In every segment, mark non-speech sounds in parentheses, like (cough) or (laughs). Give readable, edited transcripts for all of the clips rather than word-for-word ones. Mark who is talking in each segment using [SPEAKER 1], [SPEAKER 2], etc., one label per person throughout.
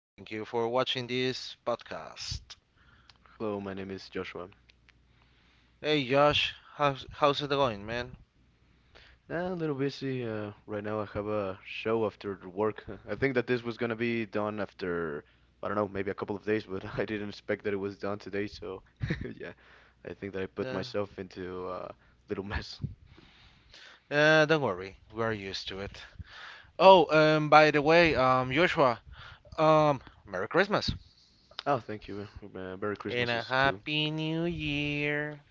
[SPEAKER 1] Thank you for watching this podcast.
[SPEAKER 2] Hello, my name is Joshua.
[SPEAKER 1] Hey, Josh. How's it going, man?
[SPEAKER 2] A little busy right now. I have a show after the work. I think that this was gonna be done after, I don't know, maybe a couple of days, but (laughs) I didn't expect that it was done today. So, (laughs) yeah, I think that I put
[SPEAKER 1] Uh,
[SPEAKER 2] myself into a little mess.
[SPEAKER 1] don't worry. We're used to it. Oh, by the way, Joshua, Merry Christmas.
[SPEAKER 2] Oh, thank you. Merry
[SPEAKER 1] And a
[SPEAKER 2] Christmases too.
[SPEAKER 1] Happy New Year.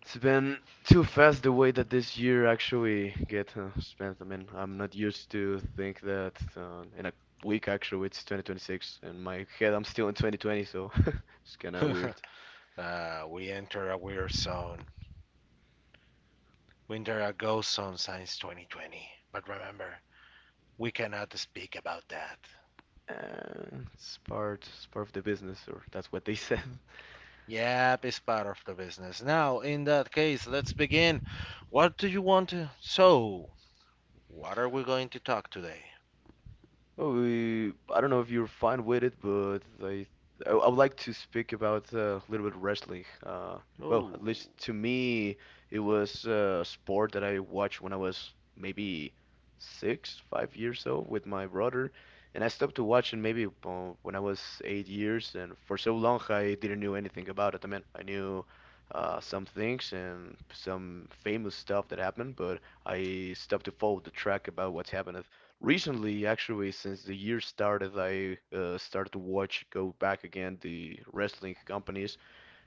[SPEAKER 2] It's been too fast the way that this year actually get spent. I mean, I'm not used to think that in a week actually it's 2026, and my head I'm still in 2020, so (laughs) it's kind of weird.
[SPEAKER 1] (laughs) We enter a weird zone. Winter a ghost zone since 2020. But remember, we cannot speak about that.
[SPEAKER 2] It's part of the business, or that's what they said. (laughs)
[SPEAKER 1] Yep, it's part of the business. Now, in that case, let's begin. What do you want to... So, what are we going to talk today?
[SPEAKER 2] Oh, we, I don't know if you're fine with it, but I would like to speak about a little bit of wrestling. Well,
[SPEAKER 1] Oh,
[SPEAKER 2] at least to me, it was a sport that I watched when I was maybe six, 5 years old with my brother, and I stopped to watch it maybe when I was 8 years, and for so long I didn't know anything about it. I mean, I knew some things and some famous stuff that happened, but I stopped to follow the track about what's happened recently. Actually, since the year started, I started to watch, go back again, the wrestling companies,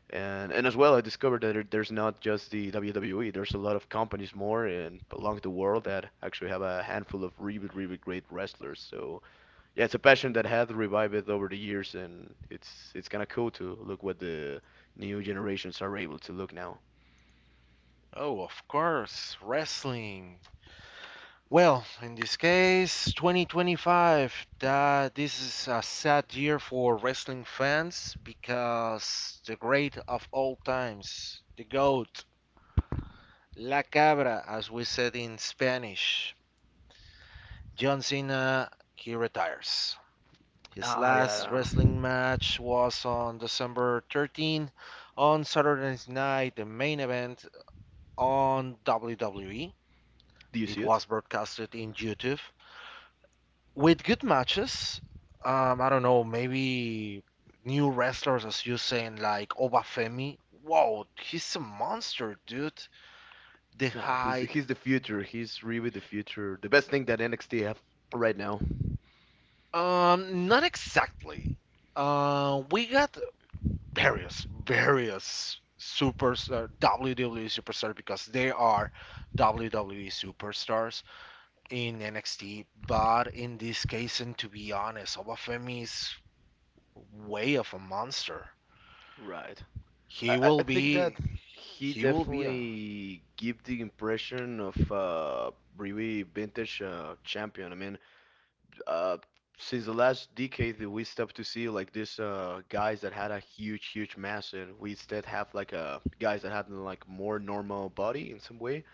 [SPEAKER 2] and as well, I discovered that there's not just the WWE. There's a lot of companies more and along the world that actually have a handful of really, really great wrestlers. So yeah, it's a passion that had revived over the years, and it's kind of cool to look what the new generations are able to look now.
[SPEAKER 1] oh, of course, wrestling. Well, in this case, 2025, that this is a sad year for wrestling fans because the great of all times, the GOAT, La Cabra, as we said in Spanish, John Cena, he retires. His
[SPEAKER 2] Ah,
[SPEAKER 1] last
[SPEAKER 2] yeah.
[SPEAKER 1] wrestling match was on December 13 on Saturday Night, the main event on WWE.
[SPEAKER 2] Do you
[SPEAKER 1] It
[SPEAKER 2] see it?
[SPEAKER 1] was broadcasted in YouTube with good matches. I don't know, maybe new wrestlers, as you saying, like Obafemi. Whoa, he's a monster, dude. The
[SPEAKER 2] Nah, he's
[SPEAKER 1] height,
[SPEAKER 2] he's the future. He's really the future. The best thing that NXT have right now.
[SPEAKER 1] not exactly. We got various supers WWE superstars because they are WWE superstars in NXT. But in this case, and to be honest, Obafemi is way of a monster.
[SPEAKER 2] Right. I,
[SPEAKER 1] He
[SPEAKER 2] I
[SPEAKER 1] will
[SPEAKER 2] I think that
[SPEAKER 1] be,
[SPEAKER 2] he
[SPEAKER 1] he will be a.
[SPEAKER 2] definitely give the impression of really vintage champion. I mean, uh, since the last decade, that we stopped to see like this guys that had a huge, huge mass, and we instead have like guys that had like more normal body in some way.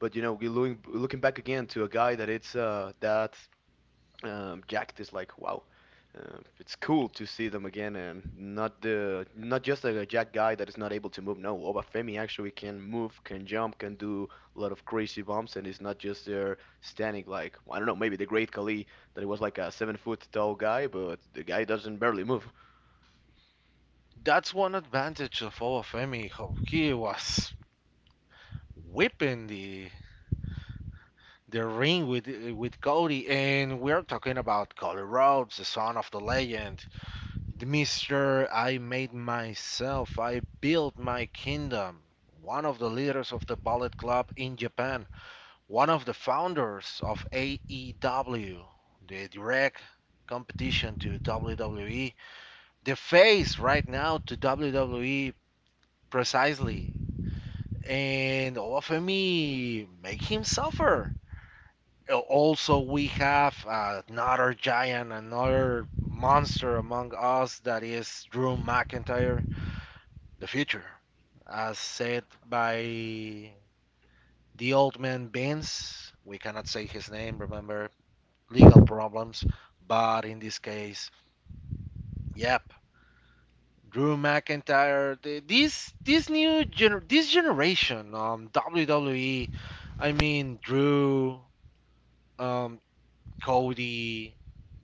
[SPEAKER 2] But you know, we're looking back again to a guy that it's that jacked is like wow it's cool to see them again and not the not just a jack guy that is not able to move. No, Obafemi actually can move, can jump, can do a lot of crazy bumps and is not just there standing like I don't know, maybe the great Khali that was like a 7 foot tall guy but the guy doesn't barely move.
[SPEAKER 1] That's one advantage of Obafemi. How he was whipping the ring with Cody, and we're talking about Cody Rhodes, the son of the legend. The Mister, I made myself, I built my kingdom, one of the leaders of the Ballet Club in Japan, one of the founders of AEW, the direct competition to WWE, the face right now to WWE precisely, and offer me make him suffer. Also, we have another giant, another monster among us that is Drew McIntyre. The future. As said by the old man Vince, we cannot say his name, remember, legal problems. But in this case, yep, Drew McIntyre, the, this new gener- this generation WWE, I mean Drew, um Cody,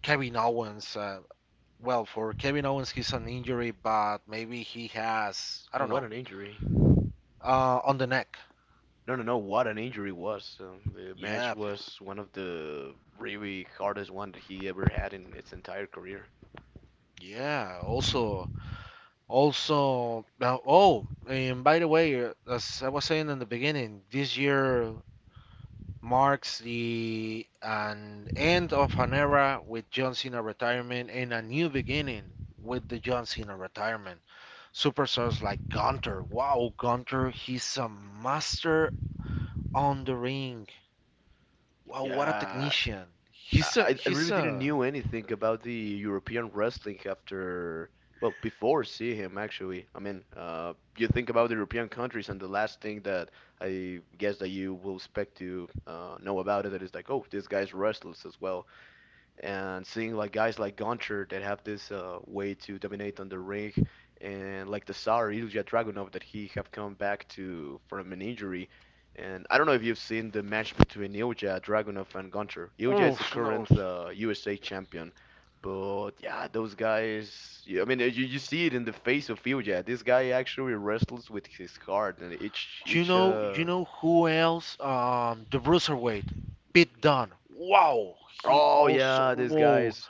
[SPEAKER 1] Kevin Owens. Well, for Kevin Owens, he's an injury, but maybe he has I
[SPEAKER 2] Oh,
[SPEAKER 1] don't
[SPEAKER 2] what
[SPEAKER 1] know.
[SPEAKER 2] an injury.
[SPEAKER 1] On the neck.
[SPEAKER 2] No, no, no, what an injury was the match
[SPEAKER 1] Yep.
[SPEAKER 2] was one of the really hardest one that he ever had in its entire career.
[SPEAKER 1] Yeah. Also, now, oh, and by the way, as I was saying in the beginning, this year marks the an end of an era with John Cena retirement and a new beginning with the John Cena retirement. Superstars like Gunter, wow, Gunter, he's a master on the ring. Wow, what a
[SPEAKER 2] Yeah,
[SPEAKER 1] technician. He's a
[SPEAKER 2] I really
[SPEAKER 1] he's
[SPEAKER 2] didn't
[SPEAKER 1] a
[SPEAKER 2] knew anything about the European wrestling after, well, before seeing him actually. I mean, you think about the European countries, and the last thing that I guess that you will expect to know about it is like, oh, this guy's wrestles as well and seeing like guys like Gonchar that have this way to dominate on the ring, and like the Tsar Ilya Dragunov that he have come back to from an injury. And I don't know if you've seen the match between Ilya Dragunov and Gonchar. Ilya is the
[SPEAKER 1] oof, no,
[SPEAKER 2] current USA champion, but yeah, those guys. Yeah, I mean, you see it in the face of Ilya. This guy actually wrestles with his heart, and each
[SPEAKER 1] Do you
[SPEAKER 2] each
[SPEAKER 1] know? do You
[SPEAKER 2] uh.
[SPEAKER 1] know who else? The Bruiserweight, Pete Dunne. Wow, he
[SPEAKER 2] Oh
[SPEAKER 1] also.
[SPEAKER 2] yeah, this guy
[SPEAKER 1] Whoa.
[SPEAKER 2] is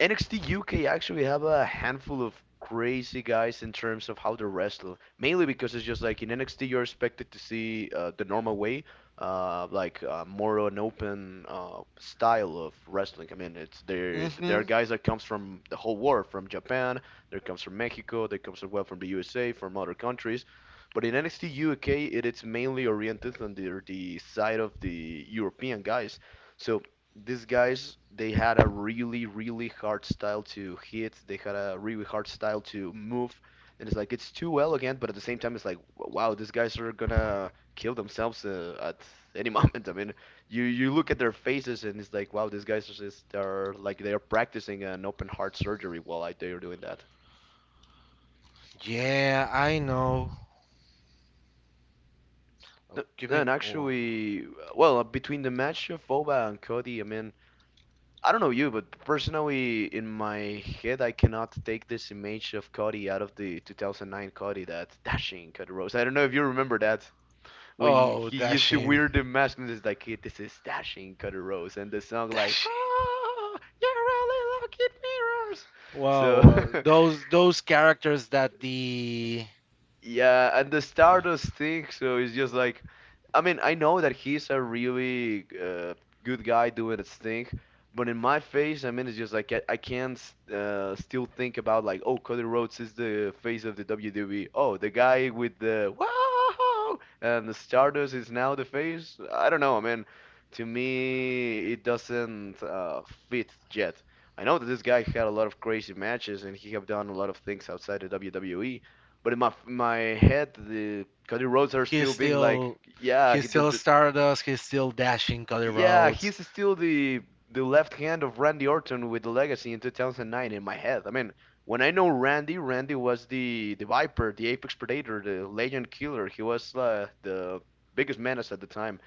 [SPEAKER 2] NXT UK actually have a handful of crazy guys in terms of how they wrestle, mainly because it's just like in NXT you're expected to see the normal way, more an open style of wrestling. I mean, it's there are
[SPEAKER 1] Mm-hmm.
[SPEAKER 2] guys that comes from the whole world, from Japan, there comes from Mexico, there comes as well from the USA, from other countries. But in NXT UK, it is mainly oriented on the side of the European guys. So these guys they had a really really hard style to hit, they had a really hard style to move and it's like it's too elegant but at the same time it's like wow these guys are gonna kill themselves at any (laughs) moment. I mean, you look at their faces and it's like wow these guys are just are like they are practicing an open heart surgery while like, they are doing that.
[SPEAKER 1] Yeah, I know. Oh, give
[SPEAKER 2] No,
[SPEAKER 1] me.
[SPEAKER 2] and
[SPEAKER 1] Oh,
[SPEAKER 2] actually well between the match of Oba and Cody, I mean, I don't know you, but personally, in my head, I cannot take this image of Cody out of the 2009 Cody, that dashing Cody Rhodes. I don't know if you remember that when
[SPEAKER 1] oh,
[SPEAKER 2] he used to
[SPEAKER 1] dashing,
[SPEAKER 2] wear the mask and it's like, "Hey, this is dashing Cody Rhodes," and the song like,
[SPEAKER 1] dashing.
[SPEAKER 2] "Whoa, you really look at mirrors."
[SPEAKER 1] Wow,
[SPEAKER 2] So (laughs)
[SPEAKER 1] those characters that the
[SPEAKER 2] yeah, and the
[SPEAKER 1] uh,
[SPEAKER 2] Stardust thing, so it's just like, I mean, I know that he's a really good guy doing his thing, but in my face, I mean, it's just like I can't still think about like, oh, Cody Rhodes is the face of the WWE. Oh, the guy with the wow, and the Stardust is now the face. I don't know. I mean, to me, it doesn't fit yet. I know that this guy had a lot of crazy matches and he have done a lot of things outside the WWE, but in my head, the Cody Rhodes are
[SPEAKER 1] he's
[SPEAKER 2] still being like,
[SPEAKER 1] still
[SPEAKER 2] yeah,
[SPEAKER 1] he's still Stardust. He's still dashing Cody
[SPEAKER 2] yeah,
[SPEAKER 1] Rhodes.
[SPEAKER 2] he's still the left hand of Randy Orton with the legacy in 2009 in my head. I mean, when I know Randy, Randy was the Viper, the Apex Predator, the Legend Killer. He was the biggest menace at the time.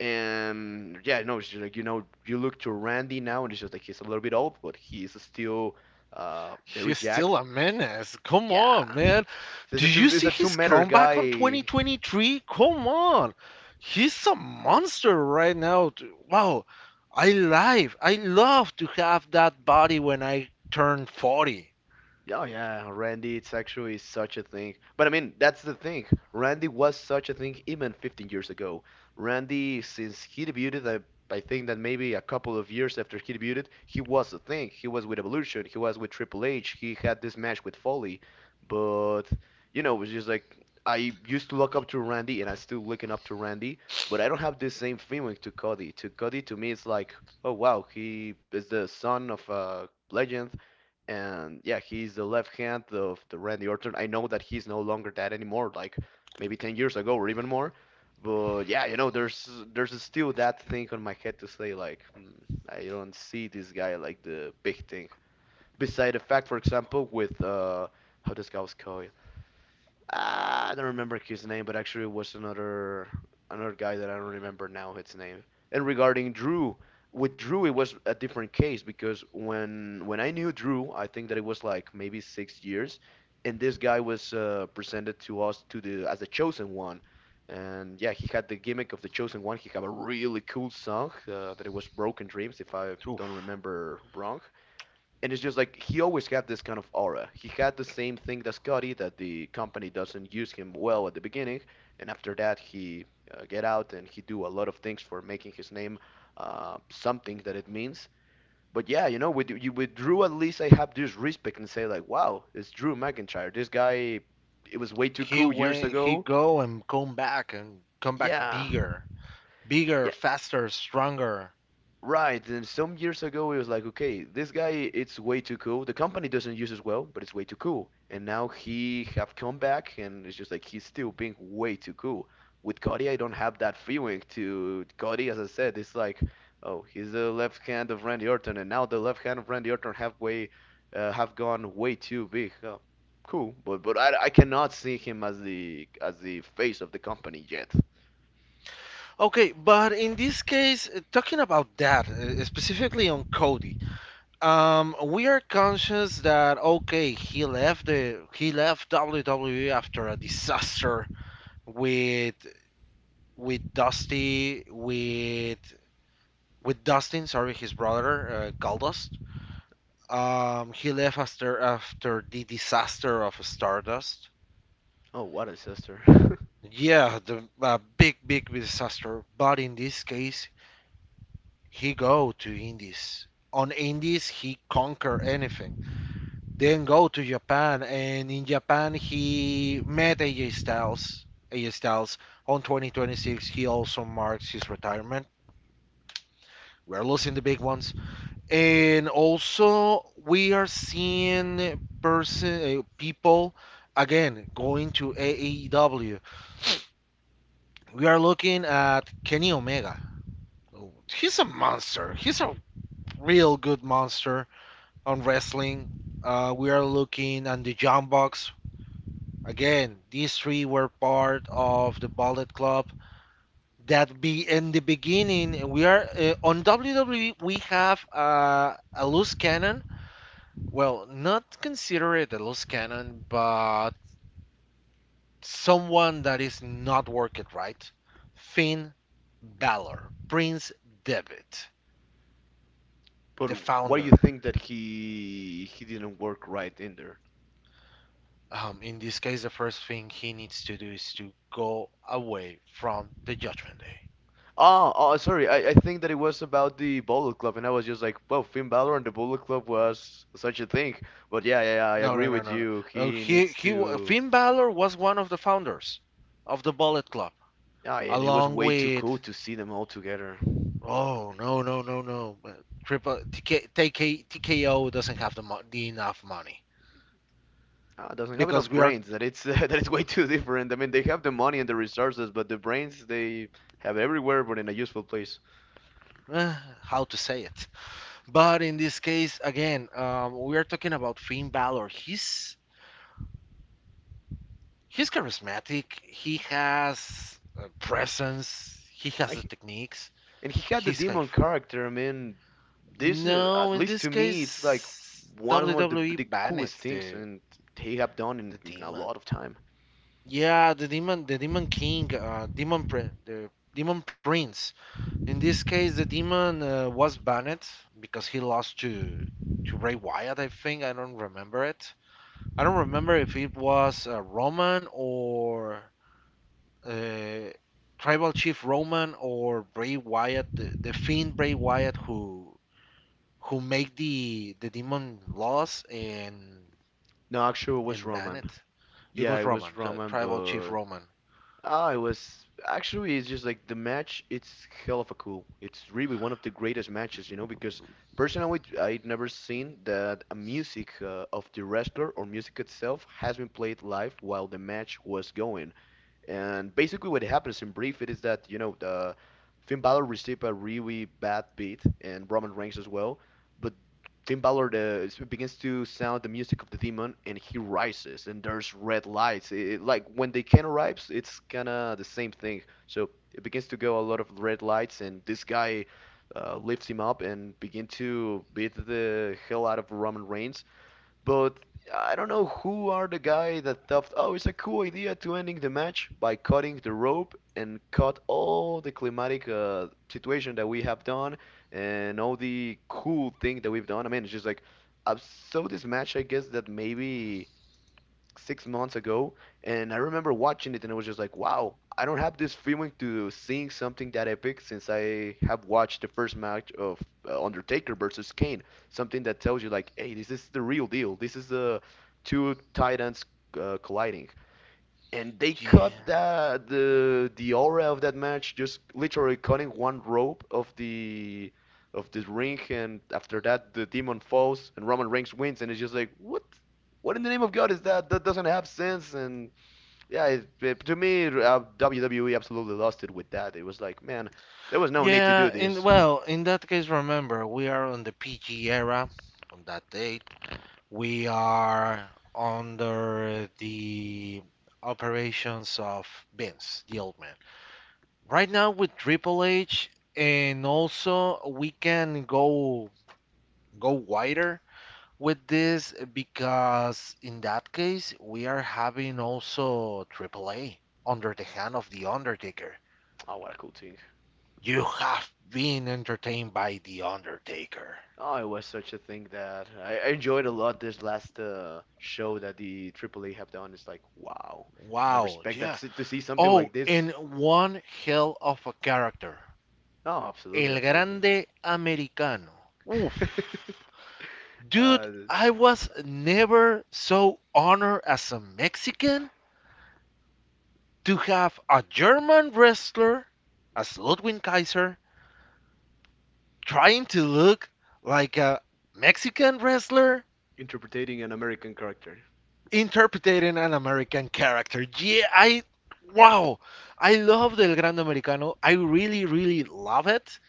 [SPEAKER 2] And yeah, no, it's just like you know, you look to Randy now, and it's just like he's a little bit old, but he's still very
[SPEAKER 1] He's still
[SPEAKER 2] jacked.
[SPEAKER 1] a menace. Come on,
[SPEAKER 2] Yeah,
[SPEAKER 1] man.
[SPEAKER 2] so it's
[SPEAKER 1] Do
[SPEAKER 2] a two,
[SPEAKER 1] you
[SPEAKER 2] it's
[SPEAKER 1] see
[SPEAKER 2] a two
[SPEAKER 1] his
[SPEAKER 2] meter
[SPEAKER 1] comeback on
[SPEAKER 2] guy.
[SPEAKER 1] 2023? Come on. He's a monster right now. Wow. I live. I love to have that body when I turn 40.
[SPEAKER 2] Oh yeah, Randy, it's actually such a thing. But I mean, that's the thing. Randy was such a thing even 15 years ago. Randy, since he debuted, I think that maybe a couple of years after he debuted, he was a thing. He was with Evolution, he was with Triple H, he had this match with Foley. But, you know, it was just like I used to look up to Randy and I'm still looking up to Randy, but I don't have the same feeling to Cody. To Cody, to me, it's like, oh wow, he is the
[SPEAKER 1] Oh, the
[SPEAKER 2] son of
[SPEAKER 1] sidekick of
[SPEAKER 2] a
[SPEAKER 1] Randy Orton.
[SPEAKER 2] legend and yeah, he's the left hand of the Randy Orton. I know that he's no longer that anymore, like maybe 10 years ago or even more. But yeah, you know, there's still that thing on my head to say like hmm, I don't see this guy like the big thing. Beside the fact, for example, with how this guy was called, ah, I don't remember his name, but actually it was another another guy that I don't remember now his name. And regarding Drew, with Drew it was a different case because when I knew Drew, I think that it was like maybe 6 years, and this guy was presented to us to the as the chosen one, and yeah, he had the gimmick of the chosen one. He had a really cool song that it was Broken Dreams, if I don't
[SPEAKER 1] Oof.
[SPEAKER 2] remember wrong, and it's just like he always had this kind of aura. He had the same thing that Scotty, that the company doesn't use him well at the beginning, and after that he get out and he do a lot of things for making his name something that it means. But yeah, you know, with you, with Drew at least I have this respect and say like, wow, it's Drew McIntyre. This guy, it was way too
[SPEAKER 1] He
[SPEAKER 2] cool years
[SPEAKER 1] went, he
[SPEAKER 2] ago.
[SPEAKER 1] go and come back
[SPEAKER 2] Yeah,
[SPEAKER 1] bigger, bigger,
[SPEAKER 2] yeah,
[SPEAKER 1] faster, stronger.
[SPEAKER 2] right, and some years ago it was like, okay, this guy it's way too cool. The company doesn't use as well, but it's way too cool. And now he have come back and it's just like he's still being way too cool. With Cody, I don't have that feeling to Cody, as I said, it's like, oh, he's the left hand of Randy Orton, and now the left hand of Randy Orton have way have gone way too big. Oh, cool, but but I cannot see him as the face of the company yet.
[SPEAKER 1] Okay, but in this case, talking about that, specifically on Cody, we are conscious that okay, he left WWE after a disaster with with Dusty with Dustin, sorry, his brother, Goldust. He left after the disaster of Stardust.
[SPEAKER 2] Oh, what a sister. (laughs)
[SPEAKER 1] Yeah, the a big big disaster. But in this case, he go to Indies. On Indies, he conquer anything. Then go to Japan, and in Japan he met AJ Styles. AJ Styles on 2026, he also marks his retirement. We're losing the big ones, and also we are seeing person people again going to AEW. We are looking at Kenny Omega. He's a monster. He's a real good monster on wrestling. We are looking at the John Box. Again, these three were part of the Bullet Club. That be in the beginning, we are on WWE. We have a loose cannon. Well, not consider it a loose cannon, but someone that is not working right. Finn Balor, Prince Devitt,
[SPEAKER 2] But
[SPEAKER 1] the
[SPEAKER 2] what do you
[SPEAKER 1] founder.
[SPEAKER 2] think that he didn't work right in there?
[SPEAKER 1] In this case, the first thing he needs to do is to go away from the Judgment Day.
[SPEAKER 2] Oh, oh, sorry. I think that it was about the Bullet Club, and I was just like, well, Finn Balor and the Bullet Club was such a thing. But yeah, yeah, I
[SPEAKER 1] No, no,
[SPEAKER 2] agree
[SPEAKER 1] no,
[SPEAKER 2] with
[SPEAKER 1] no.
[SPEAKER 2] you. He needs to.
[SPEAKER 1] Finn Balor was one of the founders of the Bullet Club,
[SPEAKER 2] Yeah, and it was
[SPEAKER 1] along
[SPEAKER 2] way too cool
[SPEAKER 1] with.
[SPEAKER 2] to see them all together.
[SPEAKER 1] Oh no, no, no, no. Triple TK, TKO doesn't have the enough money
[SPEAKER 2] Ah, doesn't have
[SPEAKER 1] because
[SPEAKER 2] enough
[SPEAKER 1] we are.
[SPEAKER 2] brains. That it's (laughs) that it's way too different. I mean, they have the money and the resources, but the brains they have everywhere, but in a useful place.
[SPEAKER 1] Uh, how to say it? But in this case, again, we are talking about Finn Balor. He's charismatic. He has presence. He has
[SPEAKER 2] I,
[SPEAKER 1] the techniques.
[SPEAKER 2] And he had the
[SPEAKER 1] He's high
[SPEAKER 2] demon
[SPEAKER 1] flying.
[SPEAKER 2] character, I mean, this
[SPEAKER 1] No,
[SPEAKER 2] at
[SPEAKER 1] in
[SPEAKER 2] least
[SPEAKER 1] this
[SPEAKER 2] to me, it's like
[SPEAKER 1] case,
[SPEAKER 2] one of the,
[SPEAKER 1] WWE
[SPEAKER 2] the
[SPEAKER 1] banned
[SPEAKER 2] coolest things
[SPEAKER 1] the
[SPEAKER 2] and they have done in,
[SPEAKER 1] the
[SPEAKER 2] in a
[SPEAKER 1] demon.
[SPEAKER 2] lot of time.
[SPEAKER 1] Yeah, the demon king, demon prin the demon prince. In this case, the demon was banned because he lost to Bray Wyatt. I think I don't remember it. I don't remember if it was Roman or uh, Tribal Chief Roman or Bray Wyatt, the Fiend Bray Wyatt, who made the demon loss and
[SPEAKER 2] No, actually, it was
[SPEAKER 1] and
[SPEAKER 2] Roman.
[SPEAKER 1] Bennett. It
[SPEAKER 2] Yeah,
[SPEAKER 1] was
[SPEAKER 2] it
[SPEAKER 1] Roman,
[SPEAKER 2] was
[SPEAKER 1] the
[SPEAKER 2] Roman,
[SPEAKER 1] tribal chief
[SPEAKER 2] but
[SPEAKER 1] Roman.
[SPEAKER 2] ah, it was actually it's just like the match. It's hell of a cool. It's really one of the greatest matches, you know, because personally, I'd never seen that a music of the wrestler or music itself has been played live while the match was going. And basically, what happens in brief, it is that you know the Finn Balor received a really bad beat, and Roman Reigns as well. But Finn Balor begins to sound the music of the demon, and he rises, and there's red lights. Like when the can arrives, it's kinda the same thing. So it begins to go a lot of red lights, and this guy lifts him up and begin to beat the hell out of Roman Reigns. But I don't know who are the guy that thought, oh, it's a cool idea to ending the match by cutting the rope and cut all the climatic situation that we have done and all the cool thing that we've done. I mean, it's just like I saw this match. I guess that maybe 6 months ago, and I remember watching it, and I was just like, wow, I don't have this feeling to seeing something that epic since I have watched the first match of Undertaker versus Kane. Something that tells you like, hey, this is the real deal. This is the two titans colliding and they cut
[SPEAKER 1] Yeah.
[SPEAKER 2] the aura of that match just literally cutting one rope of the ring, and after that the demon falls and Roman Reigns wins, and it's just like what in the name of God is that that doesn't have sense. And yeah, to me WWE absolutely lost it with that. It was like, man, there was no need to do
[SPEAKER 1] Yeah, in
[SPEAKER 2] this.
[SPEAKER 1] well, in that case remember we are on the PG era on that date. We are under the operations of Vince, the old man. Right now with Triple H, and also we can go wider with this because in that case we are having also Triple A under the hand of the Undertaker.
[SPEAKER 2] Oh, what a cool thing.
[SPEAKER 1] You have been entertained by The Undertaker.
[SPEAKER 2] Oh, it was such a thing that I enjoyed a lot this last show that the AAA have done. It's like, wow, I never
[SPEAKER 1] Wow,
[SPEAKER 2] expect
[SPEAKER 1] yeah.
[SPEAKER 2] that to see something like
[SPEAKER 1] Oh, and
[SPEAKER 2] this.
[SPEAKER 1] one hell of a character.
[SPEAKER 2] Oh, absolutely,
[SPEAKER 1] El
[SPEAKER 2] absolutely.
[SPEAKER 1] Grande Americano. Oof.
[SPEAKER 2] (laughs)
[SPEAKER 1] Dude,
[SPEAKER 2] uh,
[SPEAKER 1] I was never so honored as a Mexican to have a German wrestler as Ludwig Kaiser trying to look like a Mexican wrestler
[SPEAKER 2] Interpreting an American character.
[SPEAKER 1] interpreting an American character. Yeah, I wow, I love Del Grande Americano. I really, really love it.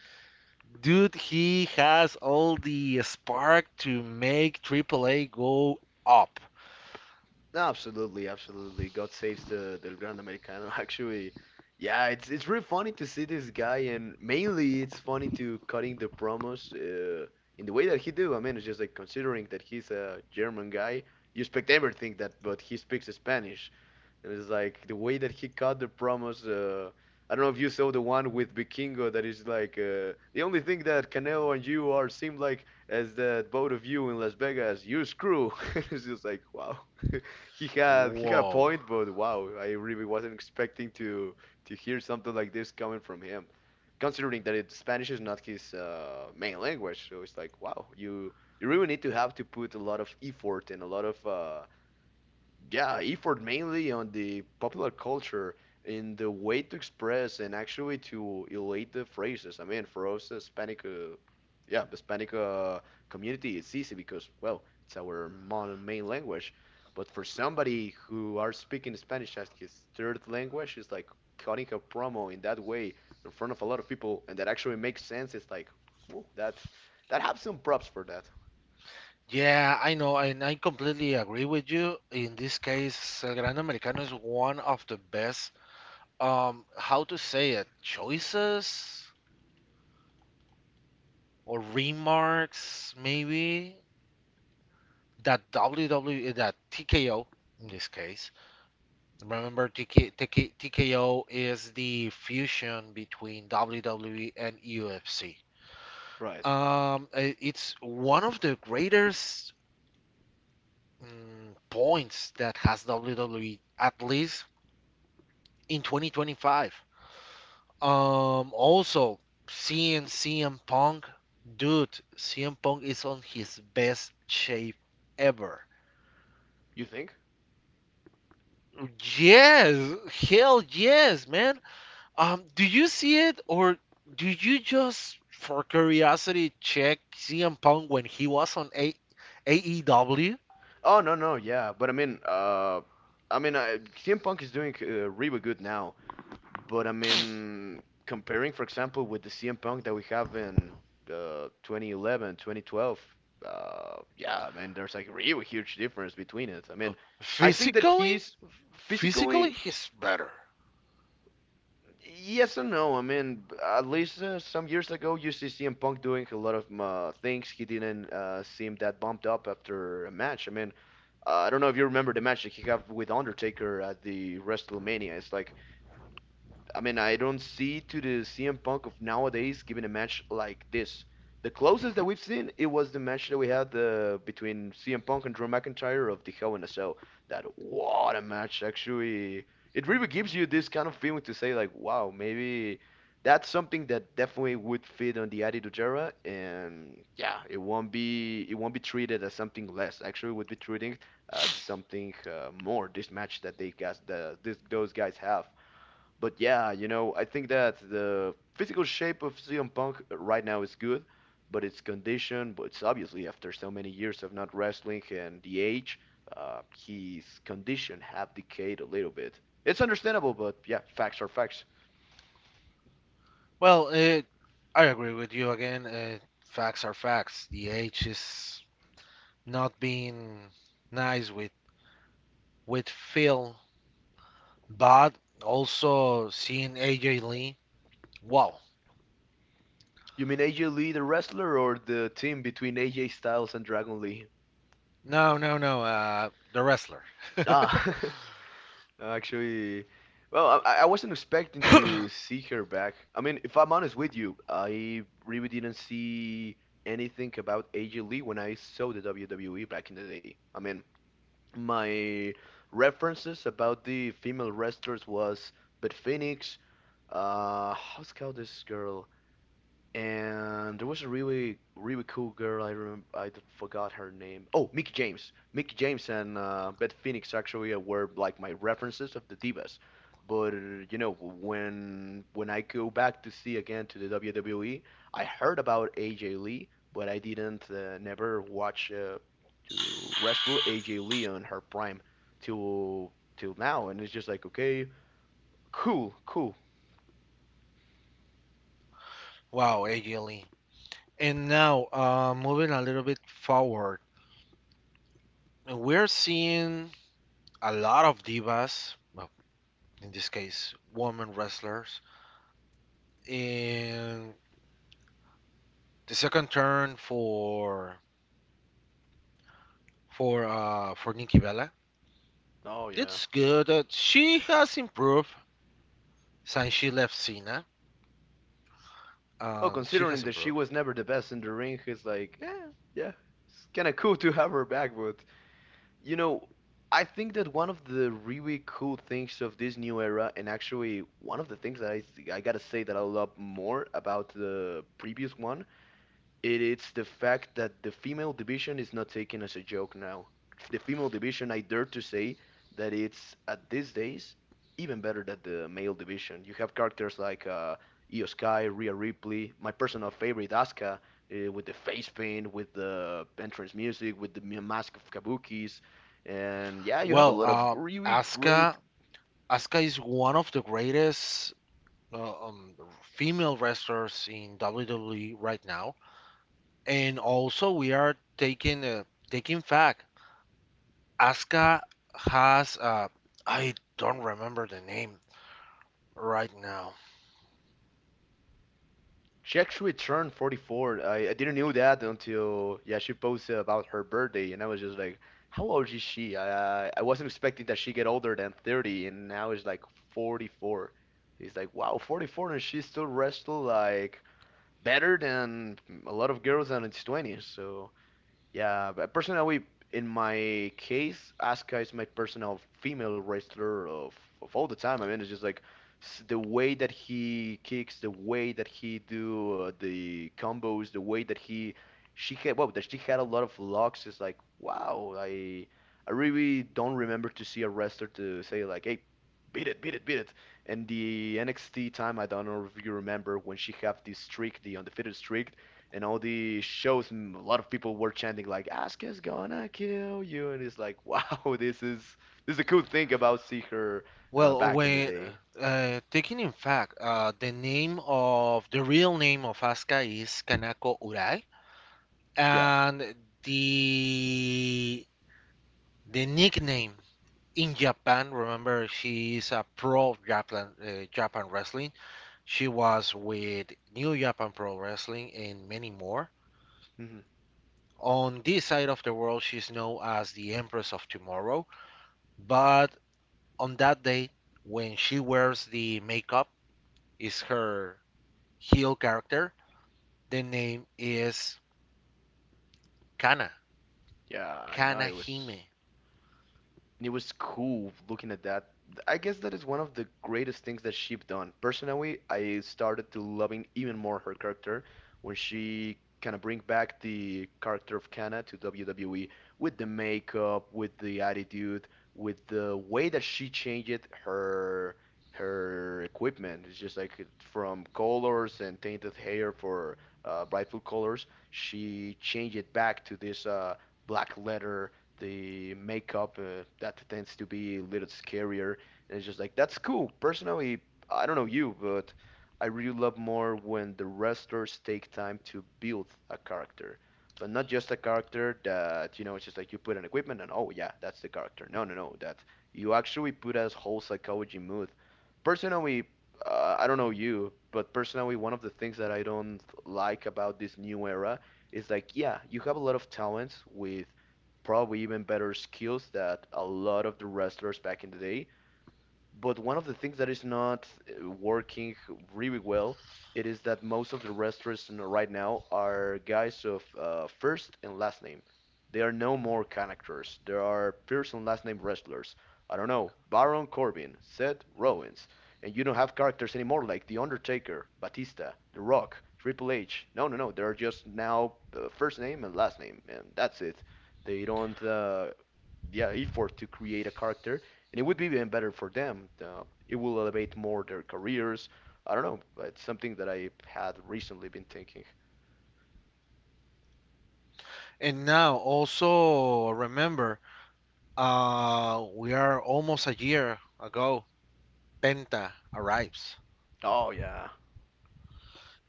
[SPEAKER 1] Dude, he has all the spark to make Triple A go up.
[SPEAKER 2] No, absolutely, absolutely. God saves the Del Gran Americano. (laughs) Actually, yeah, it's really funny to see this guy, and mainly it's funny to cutting the promos in the way that he do. I mean, it's just like considering that he's a German guy, you expect everything that, but he speaks Spanish, and it's like the way that he cut the promos. I don't know if you saw the one with Vikingo that is like the only thing that Canelo and you are seem like as that both of you in Las Vegas, you screw. (laughs) It's just like wow. (laughs) He had he had a
[SPEAKER 1] Whoa.
[SPEAKER 2] point, but wow, I really wasn't expecting to hear something like this coming from him. Considering that it, Spanish is not his main language, so it's like wow, you really need to have to put a lot of effort and a lot of yeah, effort mainly on the popular culture in the way to express and actually to elate the phrases. I mean, for us Hispanic, yeah, Hispanic community, it's easy because well, it's our modern main language. But for somebody who are speaking Spanish as his third language, it's like cutting a promo in that way in front of a lot of people, and that actually makes sense. It's like, whoa, that's that have some props for that,
[SPEAKER 1] Yeah, I know, and I completely agree with you. In this case, El Grande Americano is one of the best, how to say it, choices or remarks, maybe, that TKO in this case. Remember T K T K T K O is the fusion between WWE and UFC.
[SPEAKER 2] right?
[SPEAKER 1] It's one of the greatest points that has WWE at least in 2025. Also seeing CM Punk, dude, CM Punk is on his best shape ever.
[SPEAKER 2] You think?
[SPEAKER 1] Yes, hell yes, man. Do you see it or do you just for curiosity check CM Punk when he was on AEW?
[SPEAKER 2] Oh no no yeah, but I mean CM Punk is doing really good now, but I mean comparing for example with the CM Punk that we have in 2011 2012 yeah I mean there's like really huge difference between it. I
[SPEAKER 1] Uh,
[SPEAKER 2] mean I think that
[SPEAKER 1] Physically,
[SPEAKER 2] he's
[SPEAKER 1] physically,
[SPEAKER 2] physically
[SPEAKER 1] he's better.
[SPEAKER 2] yes and no. I mean at least some years ago you see CM Punk doing a lot of things he didn't seem that bumped up after a match. I mean I don't know if you remember the match that he had with Undertaker at the WrestleMania. It's like I mean, I don't see to the CM Punk of nowadays giving a match like this. The closest that we've seen, it was the match that we had between CM Punk and Drew McIntyre of the Hell in a Cell. That what a match actually. It really gives you this kind of feeling to say like, wow, maybe that's something that definitely would fit on the Attitude Era, and yeah, it won't be treated as something less. Actually, it would be treated as something more. This match that they guys the this those guys have. But yeah, you know, I think that the physical shape of CM Punk right now is good, but its condition, but it's obviously after so many years of not wrestling and the age, his condition have decayed a little bit. It's understandable, but yeah, facts are facts.
[SPEAKER 1] Well, I agree with you again. Facts are facts. The age is not being nice with Phil, but also seeing AJ Lee. Wow.
[SPEAKER 2] You mean AJ Lee, the wrestler, or the team between AJ Styles and Dragon Lee?
[SPEAKER 1] No, no, no. The wrestler.
[SPEAKER 2] Ah, (laughs) no, actually, well, I wasn't expecting to
[SPEAKER 1] (laughs)
[SPEAKER 2] see her back. I mean, if I'm honest with you, I really didn't see anything about AJ Lee when I saw the WWE back in the day. I mean, my references about the female wrestlers was Beth Phoenix. How's called this girl? And there was a really really cool girl. I remember forgot her name. Oh, Mickey James. Mickey James and Beth Phoenix actually were like my references of the divas. But you know when I go back to see again to the WWE, I heard about AJ Lee, but I didn't never watch to wrestle AJ Lee on her prime till now. And it's just like okay, cool, cool.
[SPEAKER 1] Wow, Egili. And now, moving a little bit forward, we're seeing a lot of divas, well, in this case, women wrestlers, in the second turn for for Nikki Bella.
[SPEAKER 2] Oh yeah.
[SPEAKER 1] It's good that she has improved since she left Cena.
[SPEAKER 2] Oh,
[SPEAKER 1] She has
[SPEAKER 2] considering that she
[SPEAKER 1] improved.
[SPEAKER 2] was never the best in the ring, it's like, yeah, yeah, it's kind of cool to have her back. But you know, I think that one of the really cool things of this new era, and actually one of the things that I gotta say that I love more about the previous one, it is the fact that the female division is not taken as a joke now. The female division, I dare to say that it's at these days even better than the male division. You have characters like Io Sky, Rhea Ripley, my personal favorite Asuka, with the face paint, with the entrance music, with the mask of Kabukis, and yeah, you have a
[SPEAKER 1] Well,
[SPEAKER 2] lot of really great.
[SPEAKER 1] Asuka is one of the greatest uh, um, female wrestlers in WWE right now. And also we are taking fact. Asuka has I don't remember the name right now.
[SPEAKER 2] She actually turned 44. I didn't know that until yeah she posted about her birthday, and I was just like, how old is she? I wasn't expecting that she get older than 30, and now it's like 44. It's like wow, 44, and she still wrestle like better than a lot of girls in its 20s. So yeah, but personally, in my case, Asuka is my personal female wrestler of all the time. I mean, it's just like the way that he kicks, the way that he do the combos, the way that he that she had a lot of locks. It's like wow, I really don't remember to see a wrestler to say like, hey, beat it, beat it, beat it. And the NXT time, I don't know if you remember when she had this streak, the undefeated streak and all the shows, a lot of people were chanting like "Asuka's gonna kill you," and it's like, wow, (laughs) this is a cool thing about see her
[SPEAKER 1] Well,
[SPEAKER 2] back in the
[SPEAKER 1] when
[SPEAKER 2] day.
[SPEAKER 1] taking in fact, the real name of Asuka is Kanako Urai,
[SPEAKER 2] Yeah,
[SPEAKER 1] and the the nickname in Japan. Remember, she is a pro Japan wrestling. She was with New Japan Pro Wrestling and many more.
[SPEAKER 2] hmm
[SPEAKER 1] On this side of the world, she's known as the Empress of Tomorrow, but on that day, when she wears the makeup, is her heel character. The name is Kana,
[SPEAKER 2] yeah, I know
[SPEAKER 1] Kana
[SPEAKER 2] it was.
[SPEAKER 1] Hime.
[SPEAKER 2] And it was cool looking at that. I guess that is one of the greatest things that she've done. Personally, I started to loving even more her character when she kind of bring back the character of Kana to WWE with the makeup, with the attitude, with the way that she changed her her equipment. It's just like from colors and tainted hair for brightful colors. She changed it back to this black leather, the makeup that tends to be a little scarier, and it's just like that's cool personally. I don't know you, but I really love more when the wrestlers take time to build a character, but not just a character that, it's just like you put an equipment and, oh yeah, that's the character. No, no, no. That you actually put a whole psychology mood personally. I don't know you, but personally, one of the things that I don't like about this new era is like, yeah, you have a lot of talents with probably even better skills that a lot of the wrestlers back in the day, but one of the things that is not working really well, it is that most of the wrestlers right now are guys of first and last name. There are no more characters. There are first and last name wrestlers. I don't know, Baron Corbin, Seth Rollins, and you don't have characters anymore like The Undertaker, Batista, The Rock, Triple H. No, no, no. There are just now first name and last name, and that's it. They don't, yeah, effort to create a character, and it would be even better for them. It will elevate more their careers. I don't know. It's something that I had recently been thinking.
[SPEAKER 1] And now, also remember, we are almost a year ago. Penta arrives,
[SPEAKER 2] Oh yeah,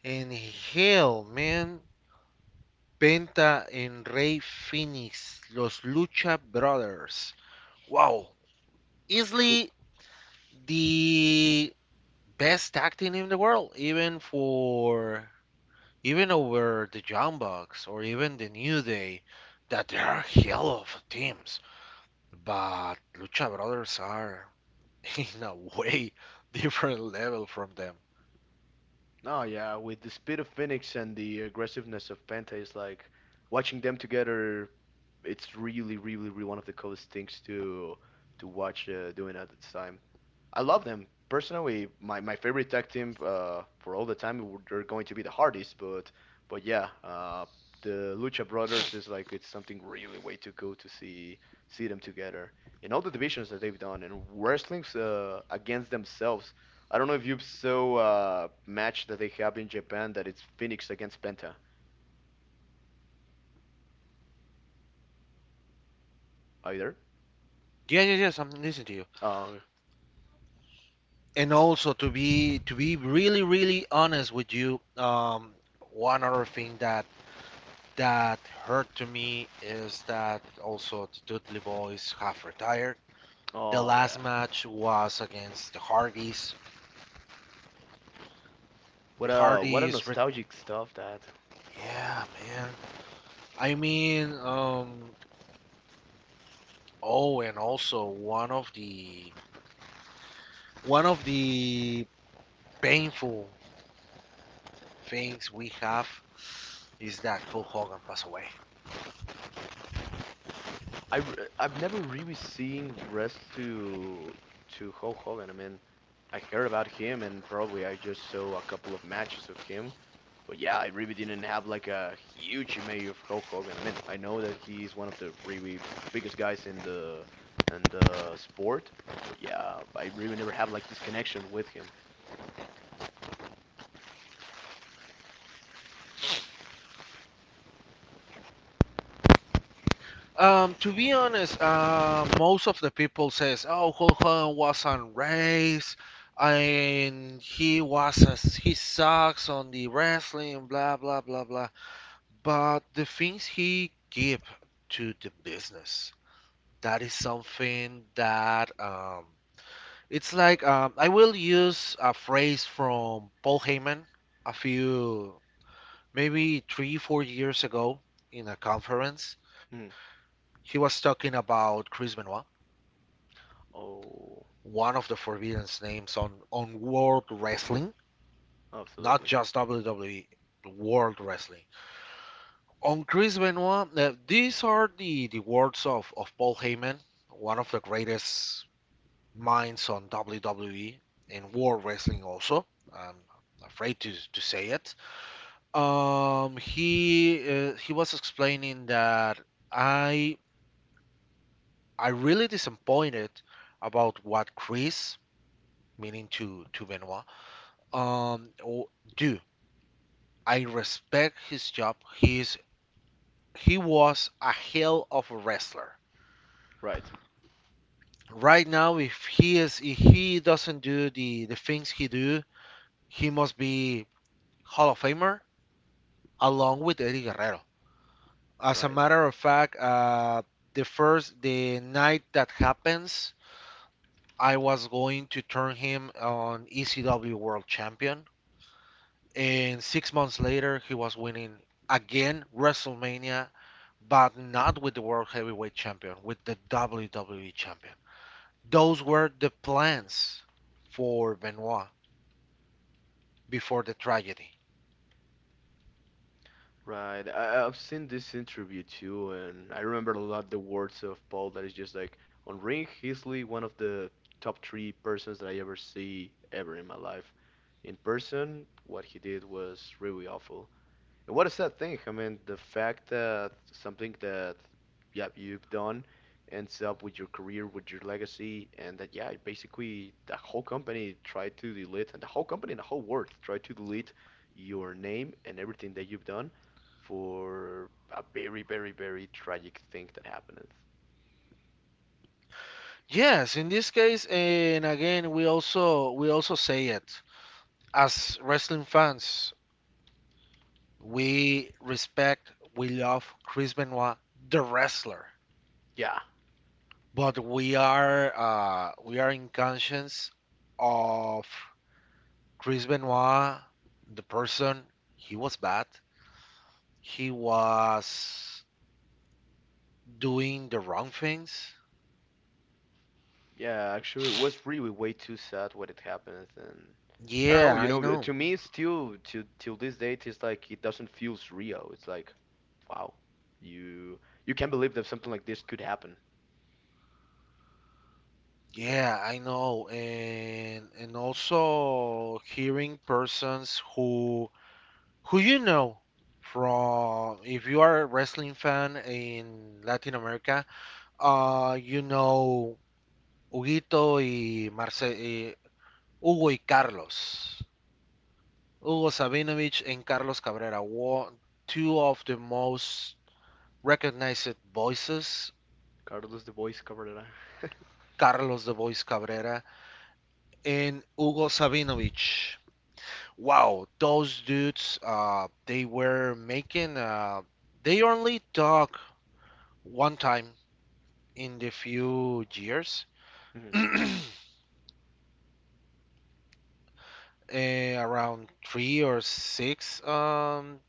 [SPEAKER 1] and hell, man, Penta and Rey Phoenix, Los Lucha Brothers. Wow,
[SPEAKER 2] cool.
[SPEAKER 1] easily the best acting in the world, even over the Young Bucks or even the New Day, that they are hell of teams. But Lucha Brothers are (laughs) in a way different level from them.
[SPEAKER 2] No, yeah, with the speed of Phoenix and the aggressiveness of Penta, it's like watching them together. It's really, really, really one of the coolest things to to watch doing at this time. I love them personally. My favorite tag team for all the time. They're going to be the hardest, but yeah, the Lucha Brothers is like it's something really way too cool to see them together in all the divisions that they've done and wrestling's against themselves. I don't know if you saw a match that they have in Japan that it's Phoenix against Penta either.
[SPEAKER 1] Yeah, yeah, yes, I'm listening to you.
[SPEAKER 2] Uh,
[SPEAKER 1] And also to be really, really honest with you, one other thing that hurt to me is that also the Dudley Boys have retired. The
[SPEAKER 2] oh
[SPEAKER 1] last
[SPEAKER 2] yeah.
[SPEAKER 1] match was against the Hardys.
[SPEAKER 2] What
[SPEAKER 1] The
[SPEAKER 2] a what a
[SPEAKER 1] Hardys,
[SPEAKER 2] nostalgic stuff that.
[SPEAKER 1] yeah, man. I mean, oh, and also one of the painful things we have is that Hulk Hogan passed away.
[SPEAKER 2] I I've never really seen rest to Hulk Hogan. I mean, I heard about him and probably I just saw a couple of matches of him. But yeah, I really didn't have like a huge image of Hulk Hogan. I mean, I know that he is one of the really biggest guys in the sport, but yeah, I really never have like this connection with him.
[SPEAKER 1] To be honest, most of the people says, "Oh, Hulk Hogan was on race, and he sucks on the wrestling, blah blah blah blah." But the things he give to the business, that is something that it's like I will use a phrase from Paul Heyman a few maybe 3-4 years ago in a conference.
[SPEAKER 2] Hmm.
[SPEAKER 1] He was talking about Chris Benoit,
[SPEAKER 2] Oh,
[SPEAKER 1] one of the forbidden names on World Wrestling, not
[SPEAKER 2] absolutely.
[SPEAKER 1] just WWE, World Wrestling. On Chris Benoit, these are the words of Paul Heyman, one of the greatest minds on WWE and World Wrestling also. I'm afraid to say it. He was explaining that I I really disappointed about what Chris, meaning to Benoit, um, do. I respect his job. He was a hell of a wrestler.
[SPEAKER 2] Right,
[SPEAKER 1] Right now, if he doesn't do the things he do, he must be Hall of Famer along with Eddie Guerrero. As a
[SPEAKER 2] right.
[SPEAKER 1] matter of fact, the first the night that happens, I was going to turn him on ECW world champion, and 6 months later he was winning again Wrestlemania, but not with the world heavyweight champion, with the WWE champion. Those were the plans for Benoit before the tragedy.
[SPEAKER 2] Right. I've seen this interview too, and I remember a lot the words of Paul that is just like on Ring, easily one of the top three persons that I ever see ever in my life. In person, what he did was really awful. What is that thing? I mean, the fact that something that, yeah, you've done ends up with your career, with your legacy, and that, yeah, basically the whole company tried to delete, and the whole company and the whole world tried to delete your name and everything that you've done for a very, very, very tragic thing that happened.
[SPEAKER 1] Yes, in this case, and again, we also say it as wrestling fans. We respect, we love Chris Benoit, the wrestler,
[SPEAKER 2] Yeah.
[SPEAKER 1] but we are in conscience of Chris Benoit, the person. He was bad. He was doing the wrong things.
[SPEAKER 2] Yeah, actually, it was
[SPEAKER 1] (sniffs)
[SPEAKER 2] really way too sad what it happened, and I don't know.
[SPEAKER 1] Yeah, I know.
[SPEAKER 2] To me, still to till this date, it's like it doesn't feel surreal. It's like, wow, you you can't believe that something like this could happen.
[SPEAKER 1] Yeah, I know, and also hearing persons who from if you are a wrestling fan in Latin America, you know Huguito y Marce y Hugo y Carlos, Hugo Sabinovich and Carlos Cabrera, were two of the most recognized voices.
[SPEAKER 2] Carlos the voice Cabrera. (laughs)
[SPEAKER 1] Carlos the Voice Cabrera and Hugo Sabinovich. Wow, those dudes, they only talk one time in the few years. (clears throat)
[SPEAKER 2] Hmm.
[SPEAKER 1] Around three or six um,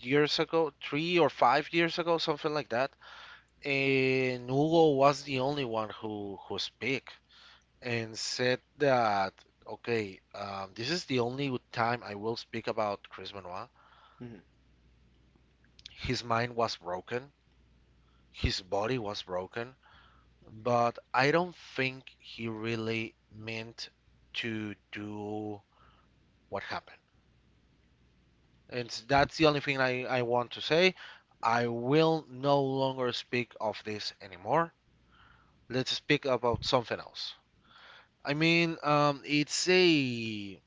[SPEAKER 1] years ago, 3 or 5 years ago, something like that. And Hugo was the only one who speak and said that, okay, this is the only time I will speak about Chris Benoit.
[SPEAKER 2] Hmm.
[SPEAKER 1] His mind was broken, his body was broken, but I don't think he really meant to do what happened. And that's the only thing I want to say. I will no longer speak of this anymore. Let's speak about something else. I mean,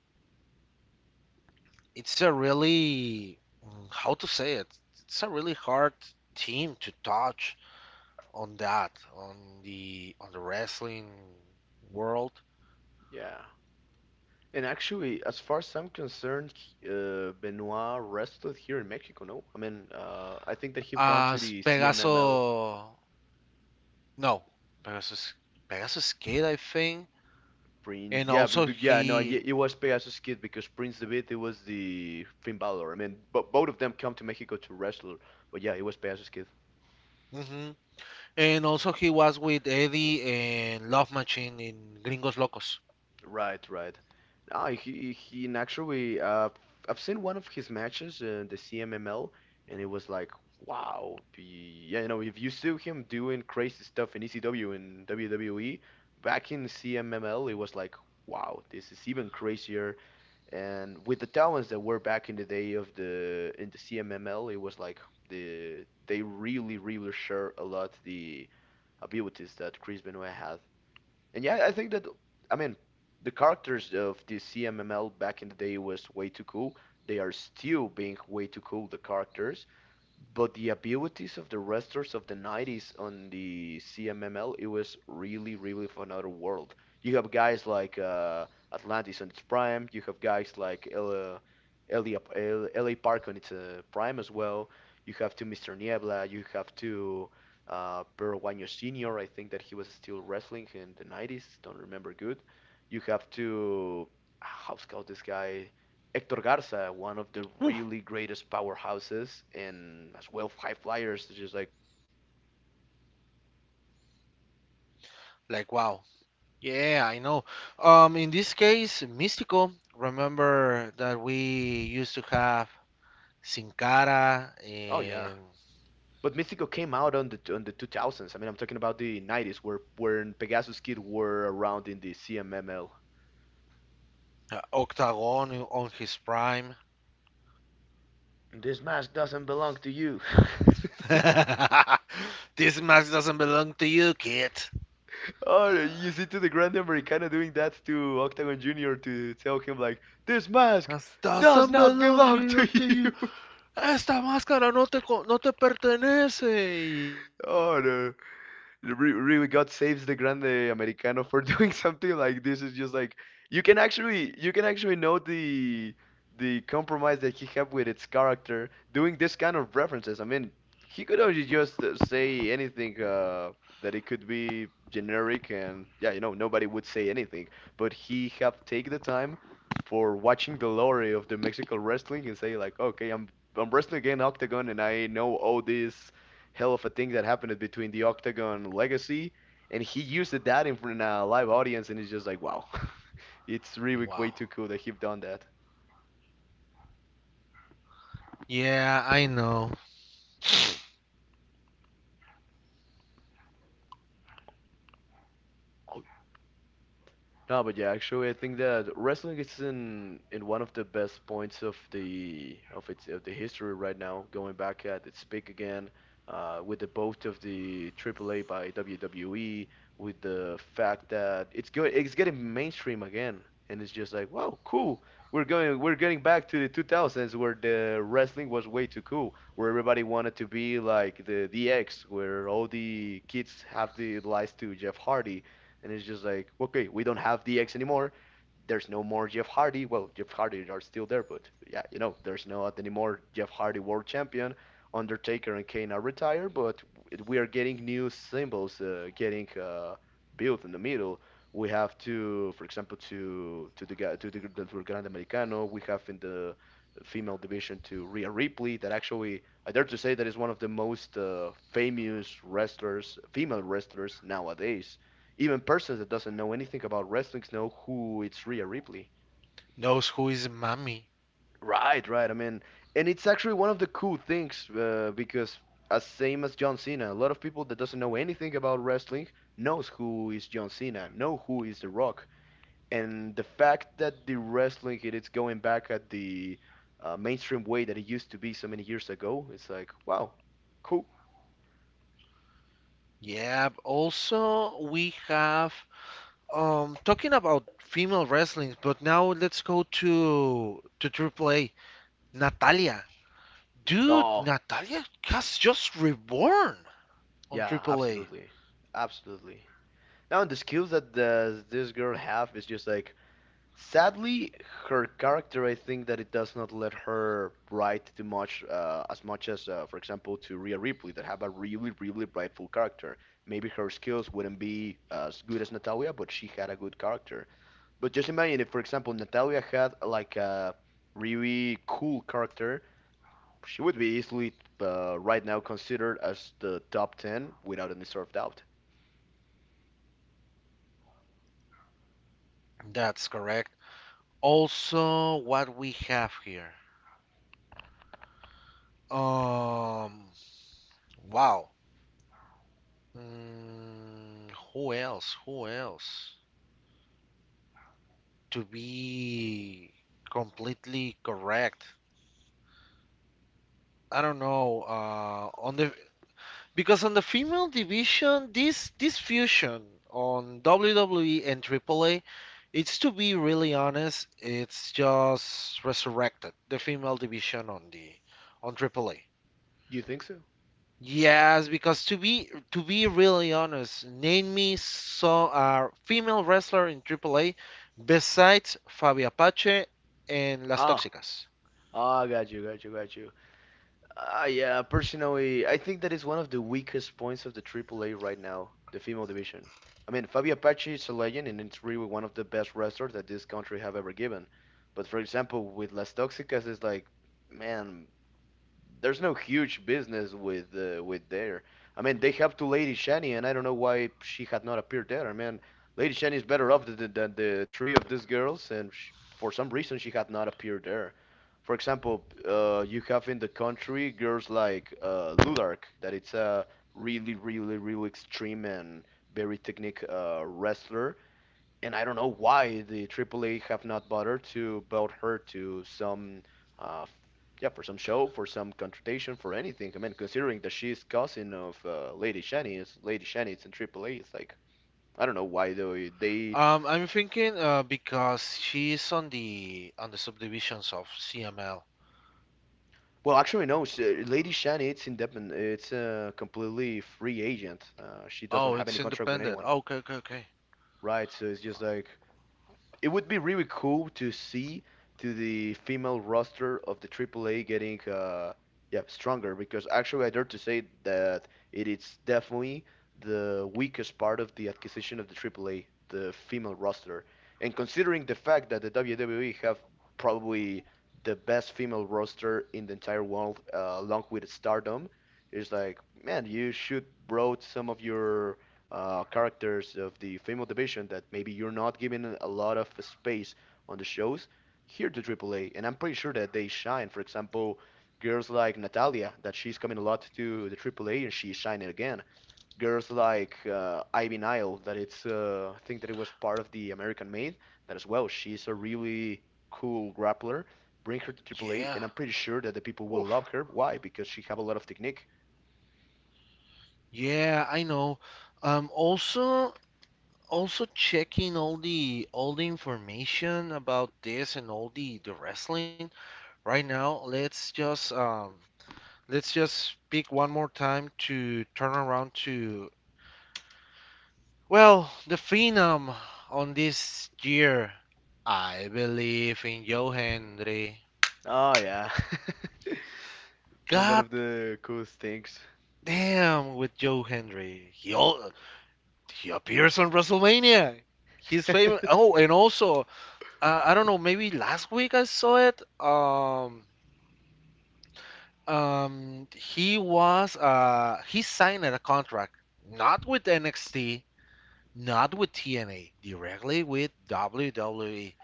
[SPEAKER 1] it's a really how to say it. It's a really hard team to touch on that on on the wrestling world.
[SPEAKER 2] Yeah. And actually, as far as I'm concerned, Benoit rested here in Mexico, no? I mean, I think that he've gone to
[SPEAKER 1] As
[SPEAKER 2] the CMML.
[SPEAKER 1] Pegaso. No, Pegasus, Pegasus Kid, I think,
[SPEAKER 2] Prince.
[SPEAKER 1] and
[SPEAKER 2] Yeah,
[SPEAKER 1] also
[SPEAKER 2] but yeah, no, it was Pegasus Kid because Prince David it was the Finn Balor. I mean, but both of them come to Mexico to wrestle. But yeah, it was Pegasus Kid.
[SPEAKER 1] hmm he was with Eddie and Love Machine in Gringos Locos.
[SPEAKER 2] Right, right. Ah, he and actually I've seen one of his matches in the CMML and it was like wow. Be, yeah, you know, if you see him doing crazy stuff in ECW and WWE back in CMML, it was like wow, this is even crazier. And with the talents that were back in the day of the CMML, it was like they really really share a lot the abilities that Chris Benoit had. And yeah, I think that I mean the characters of the CMML back in the day was way too cool. They are still being way too cool. The characters, but the abilities of the wrestlers of the 90s on the CMML, it was really, really for another world. You have guys like Atlantis on its prime. You have guys like LA Park on its prime as well. You have to Mr. Niebla. You have to Peruano Senior. I think that he was still wrestling in the 90s. Don't remember good. You have to how's called this guy? Hector Garza, one of the
[SPEAKER 1] Woo,
[SPEAKER 2] really greatest powerhouses and as well high flyers, just like the ability that this guy had, it was for another world.
[SPEAKER 1] like wow. Yeah, I know. In this case, Mystico. Remember that we used to have Sin Cara
[SPEAKER 2] Oh yeah.
[SPEAKER 1] and
[SPEAKER 2] But Mythico came out on the 2000s. I mean, I'm talking about the 90s, where when Pegasus Kid were around in the CMML.
[SPEAKER 1] Octagon on his prime.
[SPEAKER 2] This mask doesn't belong to you.
[SPEAKER 1] (laughs) This mask doesn't belong to you, kid.
[SPEAKER 2] (laughs) Oh,
[SPEAKER 1] Uh,
[SPEAKER 2] you see, to the Grand Americana doing that to Octagon Junior to tell him like, this mask
[SPEAKER 1] that
[SPEAKER 2] does
[SPEAKER 1] doesn't
[SPEAKER 2] not
[SPEAKER 1] belong
[SPEAKER 2] belong to
[SPEAKER 1] belong to you.
[SPEAKER 2] you.
[SPEAKER 1] Ah, esta máscara no te pertenece. Y ya,
[SPEAKER 2] (laughs) Oh no. Really God saves the Grande Americano for (laughs) doing something like this. Is just like you can actually know the compromise that he have with its character doing this kind of references. I mean, he could only just say anything that it could be generic and, yeah, nobody would say anything. But he have take the time for watching the lore of the Mexican wrestling and say like, okay, I'm wrestling again Octagon and I know all this hell of a thing that happened between the Octagon Legacy, and he used that in front of a live audience, and it's just like wow, (laughs) it's really
[SPEAKER 1] wow.
[SPEAKER 2] way too cool that he have done that.
[SPEAKER 1] Yeah, I know.
[SPEAKER 2] Oh, no, but yeah, actually, I think that wrestling is in one of the best points of the of its of the history right now. Going back at its peak again, with the both of the AAA by WWE, with the fact that it's good, it's getting mainstream again, and it's just like, wow, cool. We're getting back to the 2000s where the wrestling was way too cool, where everybody wanted to be like the DX, where all the kids have the lies to Jeff Hardy, and it's just like, okay, we don't have DX anymore. There's no more Jeff Hardy. Well, Jeff Hardy are still there, but, yeah, there's no anymore Jeff Hardy World Champion. Undertaker and Kane are retired, but we are getting new symbols getting built in the middle. We have to, for example, to the guy- to the Grande Americano. We have in the female division to Rhea Ripley, that actually I dare to say that is one of the most famous wrestlers, female wrestlers nowadays, even persons that doesn't know anything about wrestling know who it's Rhea Ripley.
[SPEAKER 1] Knows who is mommy.
[SPEAKER 2] Right, right. I mean, and it's actually one of the cool things because as same as John Cena, a lot of people that doesn't know anything about wrestling knows who is John Cena, know who is The Rock, and the fact that the wrestling it is going back at the mainstream way that it used to be so many years ago, it's like wow, cool.
[SPEAKER 1] Yeah, also we have talking about female wrestling, but now let's go to Triple A. Natalia. Dude,
[SPEAKER 2] Oh
[SPEAKER 1] Natalia has just reborn on
[SPEAKER 2] yeah,
[SPEAKER 1] Triple A.
[SPEAKER 2] absolutely, absolutely. Now the skills that this girl have is just like, sadly, her character, I think that it does not let her write too much, as much as, for example, to Rhea Ripley, that have a really, really rightful character. Maybe her skills wouldn't be as good as Natalia, but she had a good character. But just imagine if, for example, Natalia had like a really cool character, she would be easily, right now considered as the top 10 without any sort of doubt.
[SPEAKER 1] That's correct. Also what we have here. Um wow. Who else? Who else? To be completely correct, I don't know. On the because on the female division, this fusion on WWE and AAA, it's to be really honest, it's just resurrected the female division on the on AAA.
[SPEAKER 2] You think so?
[SPEAKER 1] Yes, because to be really honest, name me so a female wrestler in AAA besides Fabi Apache and Las
[SPEAKER 2] Ah,
[SPEAKER 1] Tóxicas.
[SPEAKER 2] ah, got you, got you, got you. Yeah, personally, I think that is one of the weakest points of the AAA right now, the female division. I mean, Fabi Apache is a legend, and it's really one of the best wrestlers that this country have ever given. But for example, with Las Tóxicas, it's like, man, there's no huge business with there. I mean, they have to Lady Shani, and I don't know why she had not appeared there. I mean, Lady Shani is better off than, than the three of these girls, and sh for some reason she had not appeared there. For example, you have in the country girls like Ludark, that it's a really, really, really extreme and very technique wrestler and I don't know why the AAA have not bothered to build her to some, uh, f- yeah, for some show, for some confrontation, for anything. I mean, considering that she's cousin of Lady Shani, it's in AAA. It's like I don't know why though they they.
[SPEAKER 1] I'm thinking because she's on the subdivisions of CML.
[SPEAKER 2] Well, actually, no. Lady Shani, it's independent. It's a completely free agent. She doesn't
[SPEAKER 1] Oh,
[SPEAKER 2] have any
[SPEAKER 1] it's
[SPEAKER 2] contract with
[SPEAKER 1] independent.
[SPEAKER 2] anyone,
[SPEAKER 1] Oh, okay, okay, okay.
[SPEAKER 2] right? So it's just like it would be really cool to see to the female roster of the AAA getting yeah stronger, because actually I dare to say that it is definitely the weakest part of the acquisition of the AAA, the female roster. And considering the fact that the WWE have probably the best female roster in the entire world, along with Stardom, it's like, man, you should brought some of your characters of the female division that maybe you're not giving a lot of space on the shows here to AAA. And I'm pretty sure that they shine. For example, girls like Natalia, that she's coming a lot to the AAA and she's shining again. Girls like Ivy Nile, that it's I think that it was part of the American Made, that as well. She's a really cool grappler. Bring her to AAA,
[SPEAKER 1] Yeah.
[SPEAKER 2] and I'm pretty sure that the people will love
[SPEAKER 1] Oof.
[SPEAKER 2] her. Why? Because she have a lot of technique.
[SPEAKER 1] Yeah, I know. Um, also also checking all the information about this and all the wrestling. Right now, let's just let's just speak one more time to turn around to, well, the phenom on this year. I believe in Joe Hendry.
[SPEAKER 2] Oh yeah. (laughs) One
[SPEAKER 1] God
[SPEAKER 2] of the coolest things.
[SPEAKER 1] damn with Joe Hendry. He appears on WrestleMania. He's famous. Oh, and also, I don't know, maybe last week I saw it. He signed a contract not with NXT, not with TNA, directly with WWE.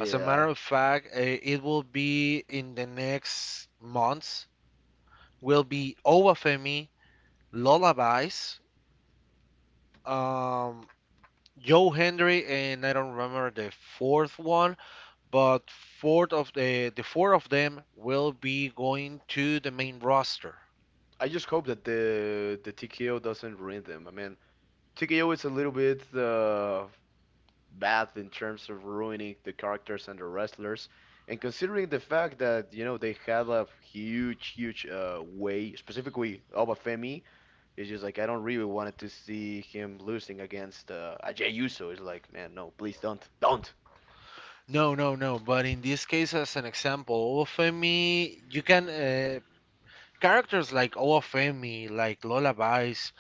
[SPEAKER 1] As a matter of fact, it will be in the next months. Will be Owa Lullabies, um, Joe Hendry, and I don't remember the fourth one, but fourth of the four of them will be going to the main roster.
[SPEAKER 2] I just hope that the TKO doesn't ruin them. I mean, TKO is a little bit bad in terms of ruining the characters and the wrestlers. And considering the fact that, you know, they had a huge, huge way, specifically Obafemi, it's just like I don't really wanted to see him losing against Ajay Uso. It's like, man, no, please don't. Don't.
[SPEAKER 1] No, no, no. But in this case, as an example, Ofemi, you can characters like Ofemi, like Lullabies,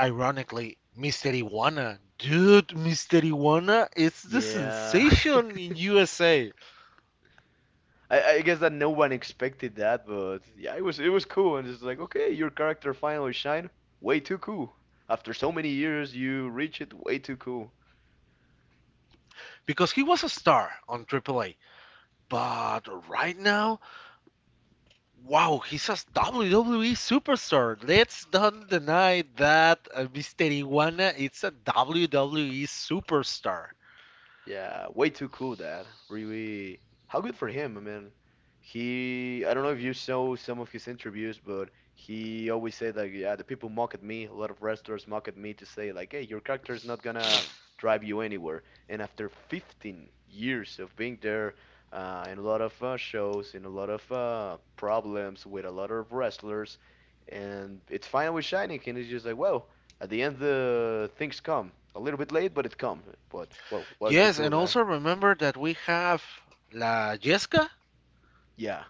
[SPEAKER 1] ironically, Mr. Iguana. Dude, Mr. Iguana is the
[SPEAKER 2] Yeah. (laughs)
[SPEAKER 1] sensation in USA
[SPEAKER 2] I guess that no one expected that, but yeah, it was cool and it's like okay, your character finally shine. Way too cool. After so many years, you reach it. Way too cool.
[SPEAKER 1] because he was a star on AAA. But right now, wow, he's a WWE superstar. Let's not deny that Mr. Iguana is a WWE superstar.
[SPEAKER 2] Yeah, way too cool, Dad. Really, how good for him. I mean, I don't know if you saw some of his interviews, but he always said like, yeah, the people mock at me. A lot of wrestlers mock at me to say like, hey, your character is not gonna
[SPEAKER 1] (sniffs)
[SPEAKER 2] drive you anywhere. And after 15 years of being there, in a lot of shows, in a lot of problems with a lot of wrestlers, and it's finally shining, and it's just like, wow, at the end, the things come a little bit late, but it come. But well, why to
[SPEAKER 1] Yes,
[SPEAKER 2] cool
[SPEAKER 1] and
[SPEAKER 2] that?
[SPEAKER 1] also remember that we have La Jessica,
[SPEAKER 2] Yeah,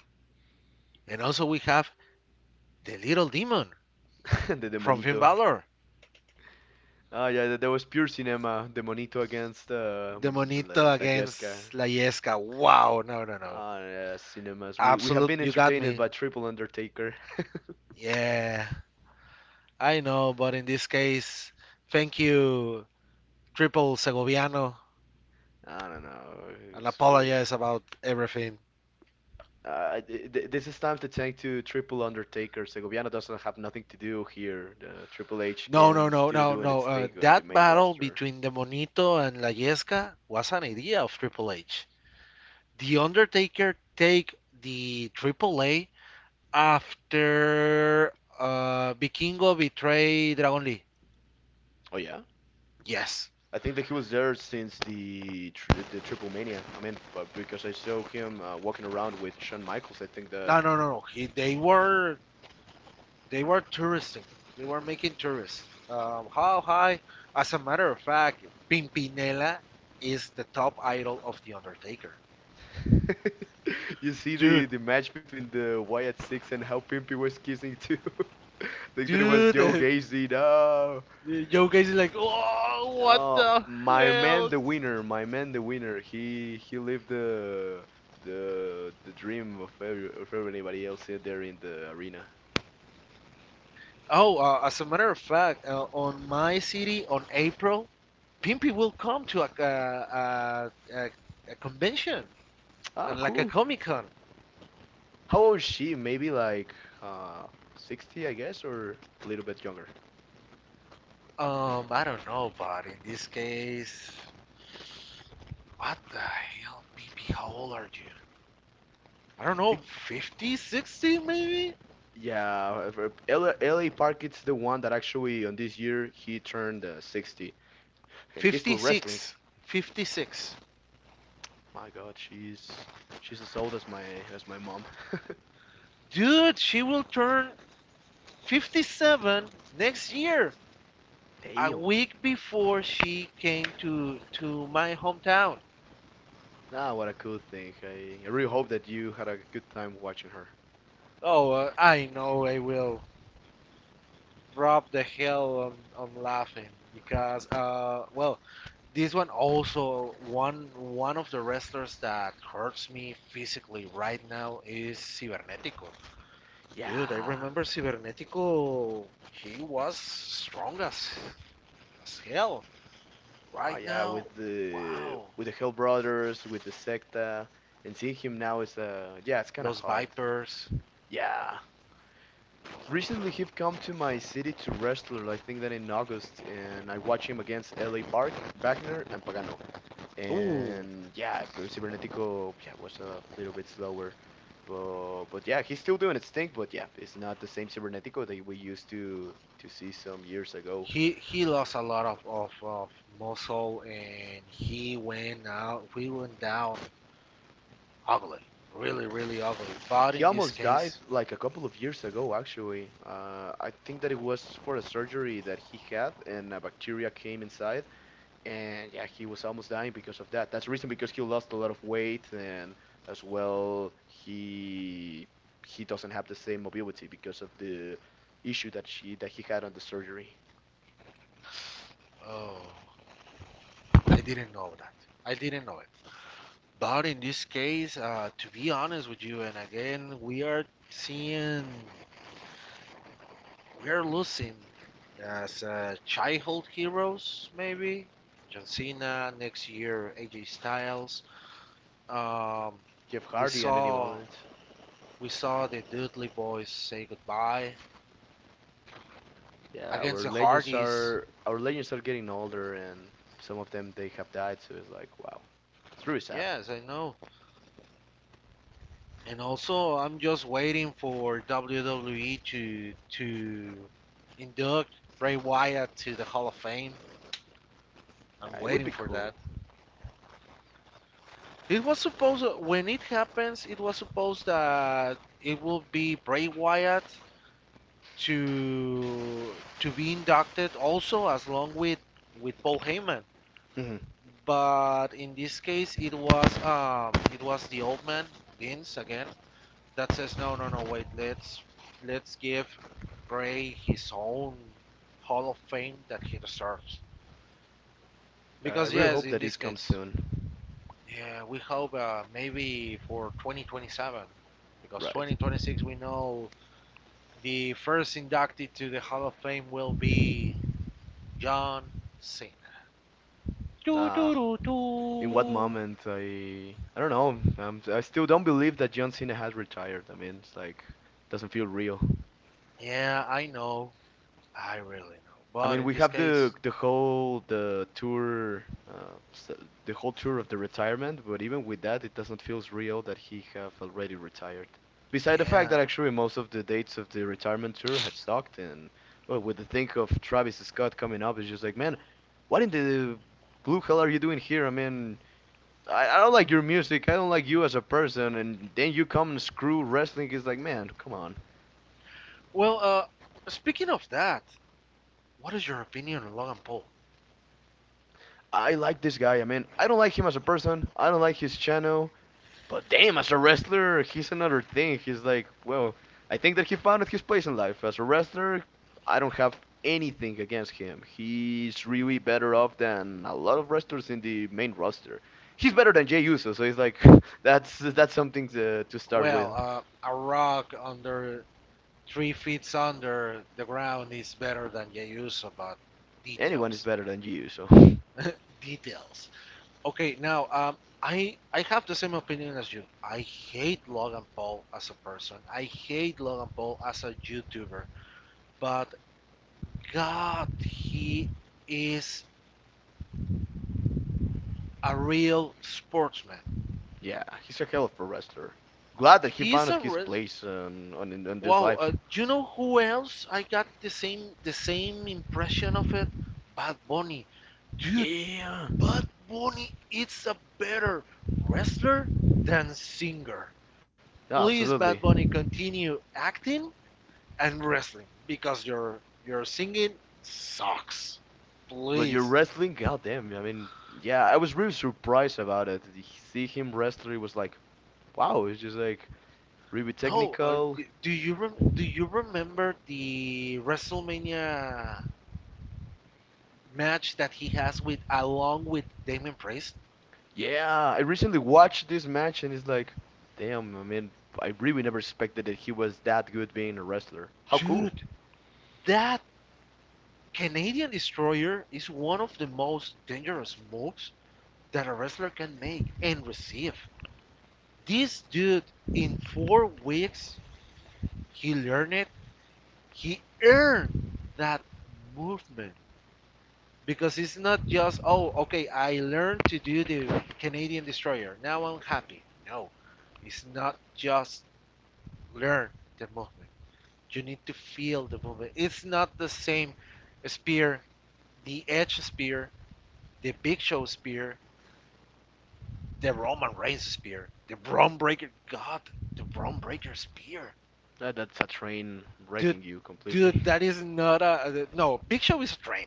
[SPEAKER 1] and also we have the Little Demon
[SPEAKER 2] (laughs) the
[SPEAKER 1] from Finn
[SPEAKER 2] Demonito.
[SPEAKER 1] Balor.
[SPEAKER 2] Ah, yeah, that was pure cinema. Demonito against
[SPEAKER 1] The
[SPEAKER 2] the La
[SPEAKER 1] Monito
[SPEAKER 2] La Yesca.
[SPEAKER 1] against La Yesca. Wow, no, no, no.
[SPEAKER 2] Ah, yeah, cinemas. We have
[SPEAKER 1] Absolute,
[SPEAKER 2] been
[SPEAKER 1] you got
[SPEAKER 2] entertained
[SPEAKER 1] me.
[SPEAKER 2] by Triple Undertaker.
[SPEAKER 1] Yeah, I know, but in this case, thank you, Triple Segoviano,
[SPEAKER 2] (laughs) I don't know.
[SPEAKER 1] and
[SPEAKER 2] It's great.
[SPEAKER 1] apologize about everything.
[SPEAKER 2] This is time to thank to Triple Undertaker. Segoviano doesn't have nothing to do here. The Triple H
[SPEAKER 1] No, no,
[SPEAKER 2] can
[SPEAKER 1] no,
[SPEAKER 2] still
[SPEAKER 1] no,
[SPEAKER 2] doing
[SPEAKER 1] no.
[SPEAKER 2] its
[SPEAKER 1] Uh,
[SPEAKER 2] thing on the
[SPEAKER 1] that
[SPEAKER 2] main
[SPEAKER 1] battle
[SPEAKER 2] roster.
[SPEAKER 1] between the Monito and La Yesca was an idea of Triple H. The Undertaker take the Triple A after Vikingo betrayed Dragon Lee.
[SPEAKER 2] Oh yeah.
[SPEAKER 1] Yes.
[SPEAKER 2] I think that he was there since the Triple Mania. I mean, but because I saw him walking around with Shawn Michaels, I think that
[SPEAKER 1] No, no, no, no. He, they were They were touristing. They were making tourists. How high? As a matter of fact, Pimpinela is the top idol of The Undertaker.
[SPEAKER 2] (laughs) you see
[SPEAKER 1] Dude,
[SPEAKER 2] the match between the Wyatt Six and how Pimpy was kissing too. (laughs) Like that it was Joe
[SPEAKER 1] dude,
[SPEAKER 2] Gacy. No,
[SPEAKER 1] (laughs) yo guys are like, oh, what
[SPEAKER 2] no,
[SPEAKER 1] the
[SPEAKER 2] my man,
[SPEAKER 1] hell?
[SPEAKER 2] the winner. My man, the winner. He lived the dream of everybody else out there in the arena.
[SPEAKER 1] Oh, as a matter of fact, on my city, on April, Pimpy will come to a convention,
[SPEAKER 2] Ah,
[SPEAKER 1] like a
[SPEAKER 2] cool.
[SPEAKER 1] Comic Con.
[SPEAKER 2] How old is she? Maybe like uh 60, I guess, or a little bit younger.
[SPEAKER 1] I don't know, but in this case, what the hell, Pimpy, how old are you? I don't
[SPEAKER 2] I
[SPEAKER 1] know,
[SPEAKER 2] think
[SPEAKER 1] 50, 60, maybe?
[SPEAKER 2] yeah, if L- LA Park it's the one that actually on this year he turned 60 and he's still wrestling.
[SPEAKER 1] 56. 56.
[SPEAKER 2] My God, she's as old as my mom. (laughs)
[SPEAKER 1] Dude, she will turn 57 next year, a
[SPEAKER 2] Damn.
[SPEAKER 1] week before she came to my hometown.
[SPEAKER 2] Ah, what a cool thing. I really hope that you had a good time watching her.
[SPEAKER 1] Oh, I know I will drop the hell on, laughing because well, this one also one of the wrestlers that hurts me physically right now is Cibernetico. Dude, I
[SPEAKER 2] Yeah.
[SPEAKER 1] remember Cybernetico. He was strong as hell.
[SPEAKER 2] Oh
[SPEAKER 1] Right
[SPEAKER 2] yeah,
[SPEAKER 1] now,
[SPEAKER 2] with the
[SPEAKER 1] wow.
[SPEAKER 2] with the Hell Brothers, with the Secta, and seeing him now is yeah, it's kind of
[SPEAKER 1] Los
[SPEAKER 2] hard.
[SPEAKER 1] Vipers.
[SPEAKER 2] Yeah, recently, he've come to my city to wrestle. I think that in August, and I watched him against LA Park, Wagner, and Pagano.
[SPEAKER 1] Ooh,
[SPEAKER 2] And yeah, but Cybernetico, yeah, was a little bit slower, but yeah, he's still doing its thing. But yeah, it's not the same Cybernetico that we used to see some years ago.
[SPEAKER 1] he lost a lot of muscle, and he went out. We went down ugly, really really ugly. But
[SPEAKER 2] He
[SPEAKER 1] in this
[SPEAKER 2] almost died
[SPEAKER 1] case,
[SPEAKER 2] like a couple of years ago, actually. I think that it was for a surgery that he had, and a bacteria came inside and yeah, he was almost dying because of that. That's the reason because he lost a lot of weight, and as well, he doesn't have the same mobility because of the issue that she that he had on the surgery.
[SPEAKER 1] oh, I didn't know that. I didn't know it. But in this case, to be honest with you, and again, we are seeing we're losing as childhood heroes, maybe. John Cena next year, AJ Styles. Um,
[SPEAKER 2] Jeff
[SPEAKER 1] we
[SPEAKER 2] Hardy at any
[SPEAKER 1] saw
[SPEAKER 2] moment.
[SPEAKER 1] we saw the Dudley Boys say goodbye
[SPEAKER 2] Yeah,
[SPEAKER 1] against the Hardys.
[SPEAKER 2] our legends are getting older, and some of them they have died. So it's like wow, it's really sad.
[SPEAKER 1] Yes, I know. And also, I'm just waiting for WWE to induct Bray Wyatt to the Hall of Fame. I'm
[SPEAKER 2] It would
[SPEAKER 1] waiting
[SPEAKER 2] be
[SPEAKER 1] for that.
[SPEAKER 2] cool.
[SPEAKER 1] It was supposed when it happens, it was supposed that it will be Bray Wyatt to to be inducted also as along with Paul Heyman.
[SPEAKER 2] Mhm.
[SPEAKER 1] But in this case, it was the old man Vince again that says no, no, no, wait, let's give Bray his own Hall of Fame that he deserves.
[SPEAKER 2] I
[SPEAKER 1] Because
[SPEAKER 2] really
[SPEAKER 1] yes,
[SPEAKER 2] hope
[SPEAKER 1] in
[SPEAKER 2] that
[SPEAKER 1] this
[SPEAKER 2] it comes
[SPEAKER 1] case,
[SPEAKER 2] soon.
[SPEAKER 1] yeah, we hope maybe for 2027 because
[SPEAKER 2] Right.
[SPEAKER 1] 2026 we know the first inducted to the Hall of Fame will be John Cena. Doo
[SPEAKER 2] Uh,
[SPEAKER 1] doo doo
[SPEAKER 2] in what
[SPEAKER 1] doo.
[SPEAKER 2] moment I don't know. I still don't believe that John Cena has retired. I mean, it's like doesn't feel real.
[SPEAKER 1] Yeah, I know. I really know.
[SPEAKER 2] I
[SPEAKER 1] But
[SPEAKER 2] mean,
[SPEAKER 1] in
[SPEAKER 2] we
[SPEAKER 1] this
[SPEAKER 2] have
[SPEAKER 1] case,
[SPEAKER 2] the whole the tour uh, s- the whole tour of the retirement, but even with that, it doesn't feel real that he have already retired. Beside the fact
[SPEAKER 1] yeah.
[SPEAKER 2] that actually most of the dates of the retirement tour had sucked, and well, with the think of Travis Scott coming up, it's just like, man, what in the blue hell are you doing here? I mean, I don't like your music. I don't like you as a person. And then you come and screw wrestling. It's like, man, come on.
[SPEAKER 1] Well, speaking of that, what is your opinion on Logan Paul?
[SPEAKER 2] I like this guy. I mean, I don't like him as a person. I don't like his channel. But damn, as a wrestler, he's another thing. He's like, well, I think that he found his place in life. As a wrestler, I don't have anything against him. He's really better off than a lot of wrestlers in the main roster. He's better than Jey Uso, so he's like, (laughs) that's something to start
[SPEAKER 1] Well,
[SPEAKER 2] with.
[SPEAKER 1] a rock under 3 feet under the ground is better than Yayuso, but
[SPEAKER 2] Anyone is
[SPEAKER 1] details,
[SPEAKER 2] better than Jey Uso. (laughs)
[SPEAKER 1] (laughs) details. Okay, now I have the same opinion as you. I hate Logan Paul as a person. I hate Logan Paul as a YouTuber. But God, he is a real sportsman.
[SPEAKER 2] Yeah, he's a hell of a wrestler. Glad that he
[SPEAKER 1] He's
[SPEAKER 2] found
[SPEAKER 1] a
[SPEAKER 2] his
[SPEAKER 1] re-
[SPEAKER 2] place on this
[SPEAKER 1] wow.
[SPEAKER 2] life.
[SPEAKER 1] You know who else? I got the same impression of it. Bad Bunny, dude.
[SPEAKER 2] Yeah,
[SPEAKER 1] Bad Bunny is a better wrestler than singer.
[SPEAKER 2] yeah,
[SPEAKER 1] Please, Bad
[SPEAKER 2] absolutely.
[SPEAKER 1] Bunny, continue acting and wrestling because your singing sucks.
[SPEAKER 2] But your
[SPEAKER 1] Please.
[SPEAKER 2] wrestling, goddamn. I mean, yeah, I was really surprised about it. See him wrestle, it was like, wow, it's just like really
[SPEAKER 1] No,
[SPEAKER 2] technical.
[SPEAKER 1] do you remember the WrestleMania match that he has with along with Damon Priest?
[SPEAKER 2] Yeah, I recently watched this match and it's like, damn. I mean, I really never expected that he was that good being a wrestler. How cool.
[SPEAKER 1] Dude, that Canadian Destroyer is one of the most dangerous moves that a wrestler can make and receive. This dude in 4 weeks he learned it. He earned that movement. Because it's not just, oh, okay, I learned to do the Canadian destroyer, now I'm happy, no. It's not just learn the movement, you need to feel the movement. It's not the same spear, the edge spear, the big show spear, the Roman Reigns spear, the Braun Breaker, god, the Braun Breaker spear.
[SPEAKER 2] That's a train
[SPEAKER 1] dude
[SPEAKER 2] wrecking you
[SPEAKER 1] dude,
[SPEAKER 2] completely. (laughs)
[SPEAKER 1] that is not a. No, Big Show is a train,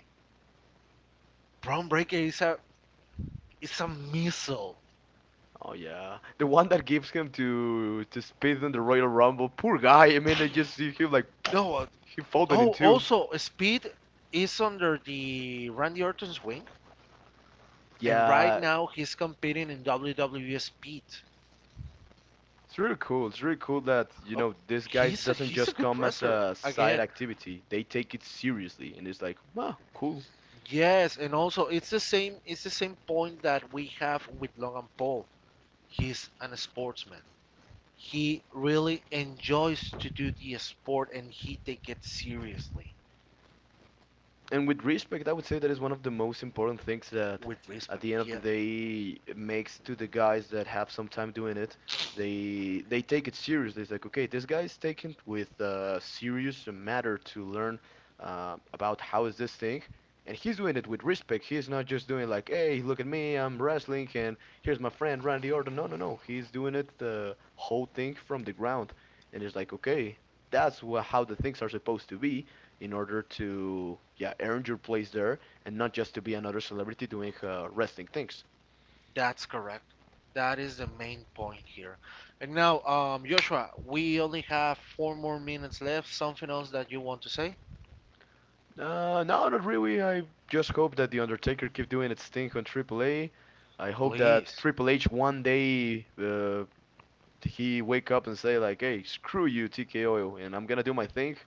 [SPEAKER 1] Braun Breaker is a it's a missile,
[SPEAKER 2] Oh yeah, the one that gives him to Speed in the Royal Rumble. Poor guy. I mean, I just see him like (sniffs)
[SPEAKER 1] no.
[SPEAKER 2] (tsk) he folded in
[SPEAKER 1] Oh,
[SPEAKER 2] two.
[SPEAKER 1] also, Speed is under the Randy Orton's wing, and right
[SPEAKER 2] Yeah,
[SPEAKER 1] now he's competing in WWE Speed.
[SPEAKER 2] it's really cool. It's really cool that you
[SPEAKER 1] Oh,
[SPEAKER 2] know this guy doesn't
[SPEAKER 1] he's a
[SPEAKER 2] just
[SPEAKER 1] good
[SPEAKER 2] come as
[SPEAKER 1] wrestler
[SPEAKER 2] a side
[SPEAKER 1] again.
[SPEAKER 2] activity. They take it seriously, and it's like, wow, cool.
[SPEAKER 1] Yes, and also it's the same point that we have with Logan Paul. He's an sportsman. He really enjoys to do the sport, and he take it seriously
[SPEAKER 2] And with respect, I would say that is one of the most important things that,
[SPEAKER 1] with
[SPEAKER 2] at
[SPEAKER 1] respect.
[SPEAKER 2] the end of the
[SPEAKER 1] Yeah,
[SPEAKER 2] day, it makes to the guys that have some time doing it. They take it seriously. It's like, okay, this guy is taking it with a serious matter to learn about how is this thing, and he's doing it with respect. He's not just doing like, hey, look at me, I'm wrestling, and here's my friend Randy Orton. No, no, no. He's doing it the whole thing from the ground, and it's like, okay, that's wha how the things are supposed to be in order to yeah earn your place there and not just to be another celebrity doing wrestling things.
[SPEAKER 1] that's correct. That is the main point here. And now, Joshua, we only have 4 more minutes left. Something else that you want to say?
[SPEAKER 2] No, not really. I just hope that the Undertaker keep doing its thing on AAA. I hope that
[SPEAKER 1] Please.
[SPEAKER 2] Triple H one day he wake up and say like, "Hey, screw you, TKO, and I'm gonna do my thing."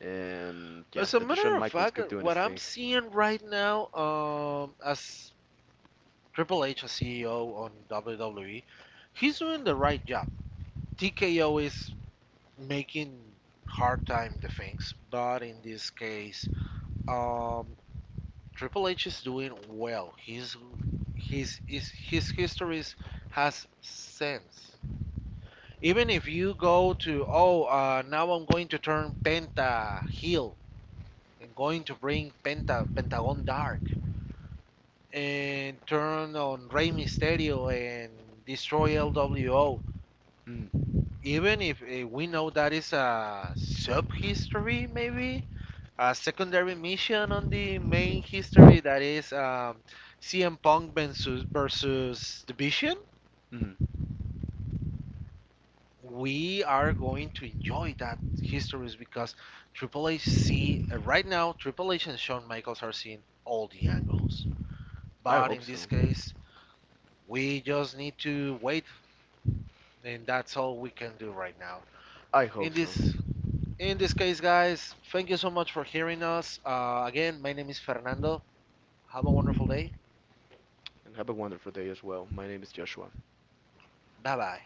[SPEAKER 2] And yeah,
[SPEAKER 1] As a
[SPEAKER 2] that The
[SPEAKER 1] matter
[SPEAKER 2] Shawn
[SPEAKER 1] of
[SPEAKER 2] Michaels
[SPEAKER 1] fact,
[SPEAKER 2] keep doing his
[SPEAKER 1] what I'm
[SPEAKER 2] thing.
[SPEAKER 1] seeing right now, as Triple H, as CEO on WWE, he's doing the right job. TKO is making hard time the things, but in this case, um, Triple H is doing well. He's his histories has sense. Even if you go to, oh, now I'm going to turn Penta heel and going to bring Pentagon Dark and turn on Rey Mysterio and destroy LWO.
[SPEAKER 2] Mm,
[SPEAKER 1] Even if we know that is a sub history maybe, a secondary mission on the main history that is CM Punk versus Division.
[SPEAKER 2] mm.
[SPEAKER 1] We are going to enjoy that histories because Triple H see right now Triple H and Shawn Michaels are seeing all the angles.
[SPEAKER 2] I
[SPEAKER 1] But
[SPEAKER 2] hope
[SPEAKER 1] in this
[SPEAKER 2] so.
[SPEAKER 1] case, we just need to wait, and that's all we can do right now.
[SPEAKER 2] I
[SPEAKER 1] In
[SPEAKER 2] hope so.
[SPEAKER 1] this in this case, guys, thank you so much for hearing us. Again, my name is Fernando. Have a wonderful day.
[SPEAKER 2] And have a wonderful day as well. My name is Joshua.
[SPEAKER 1] Bye bye.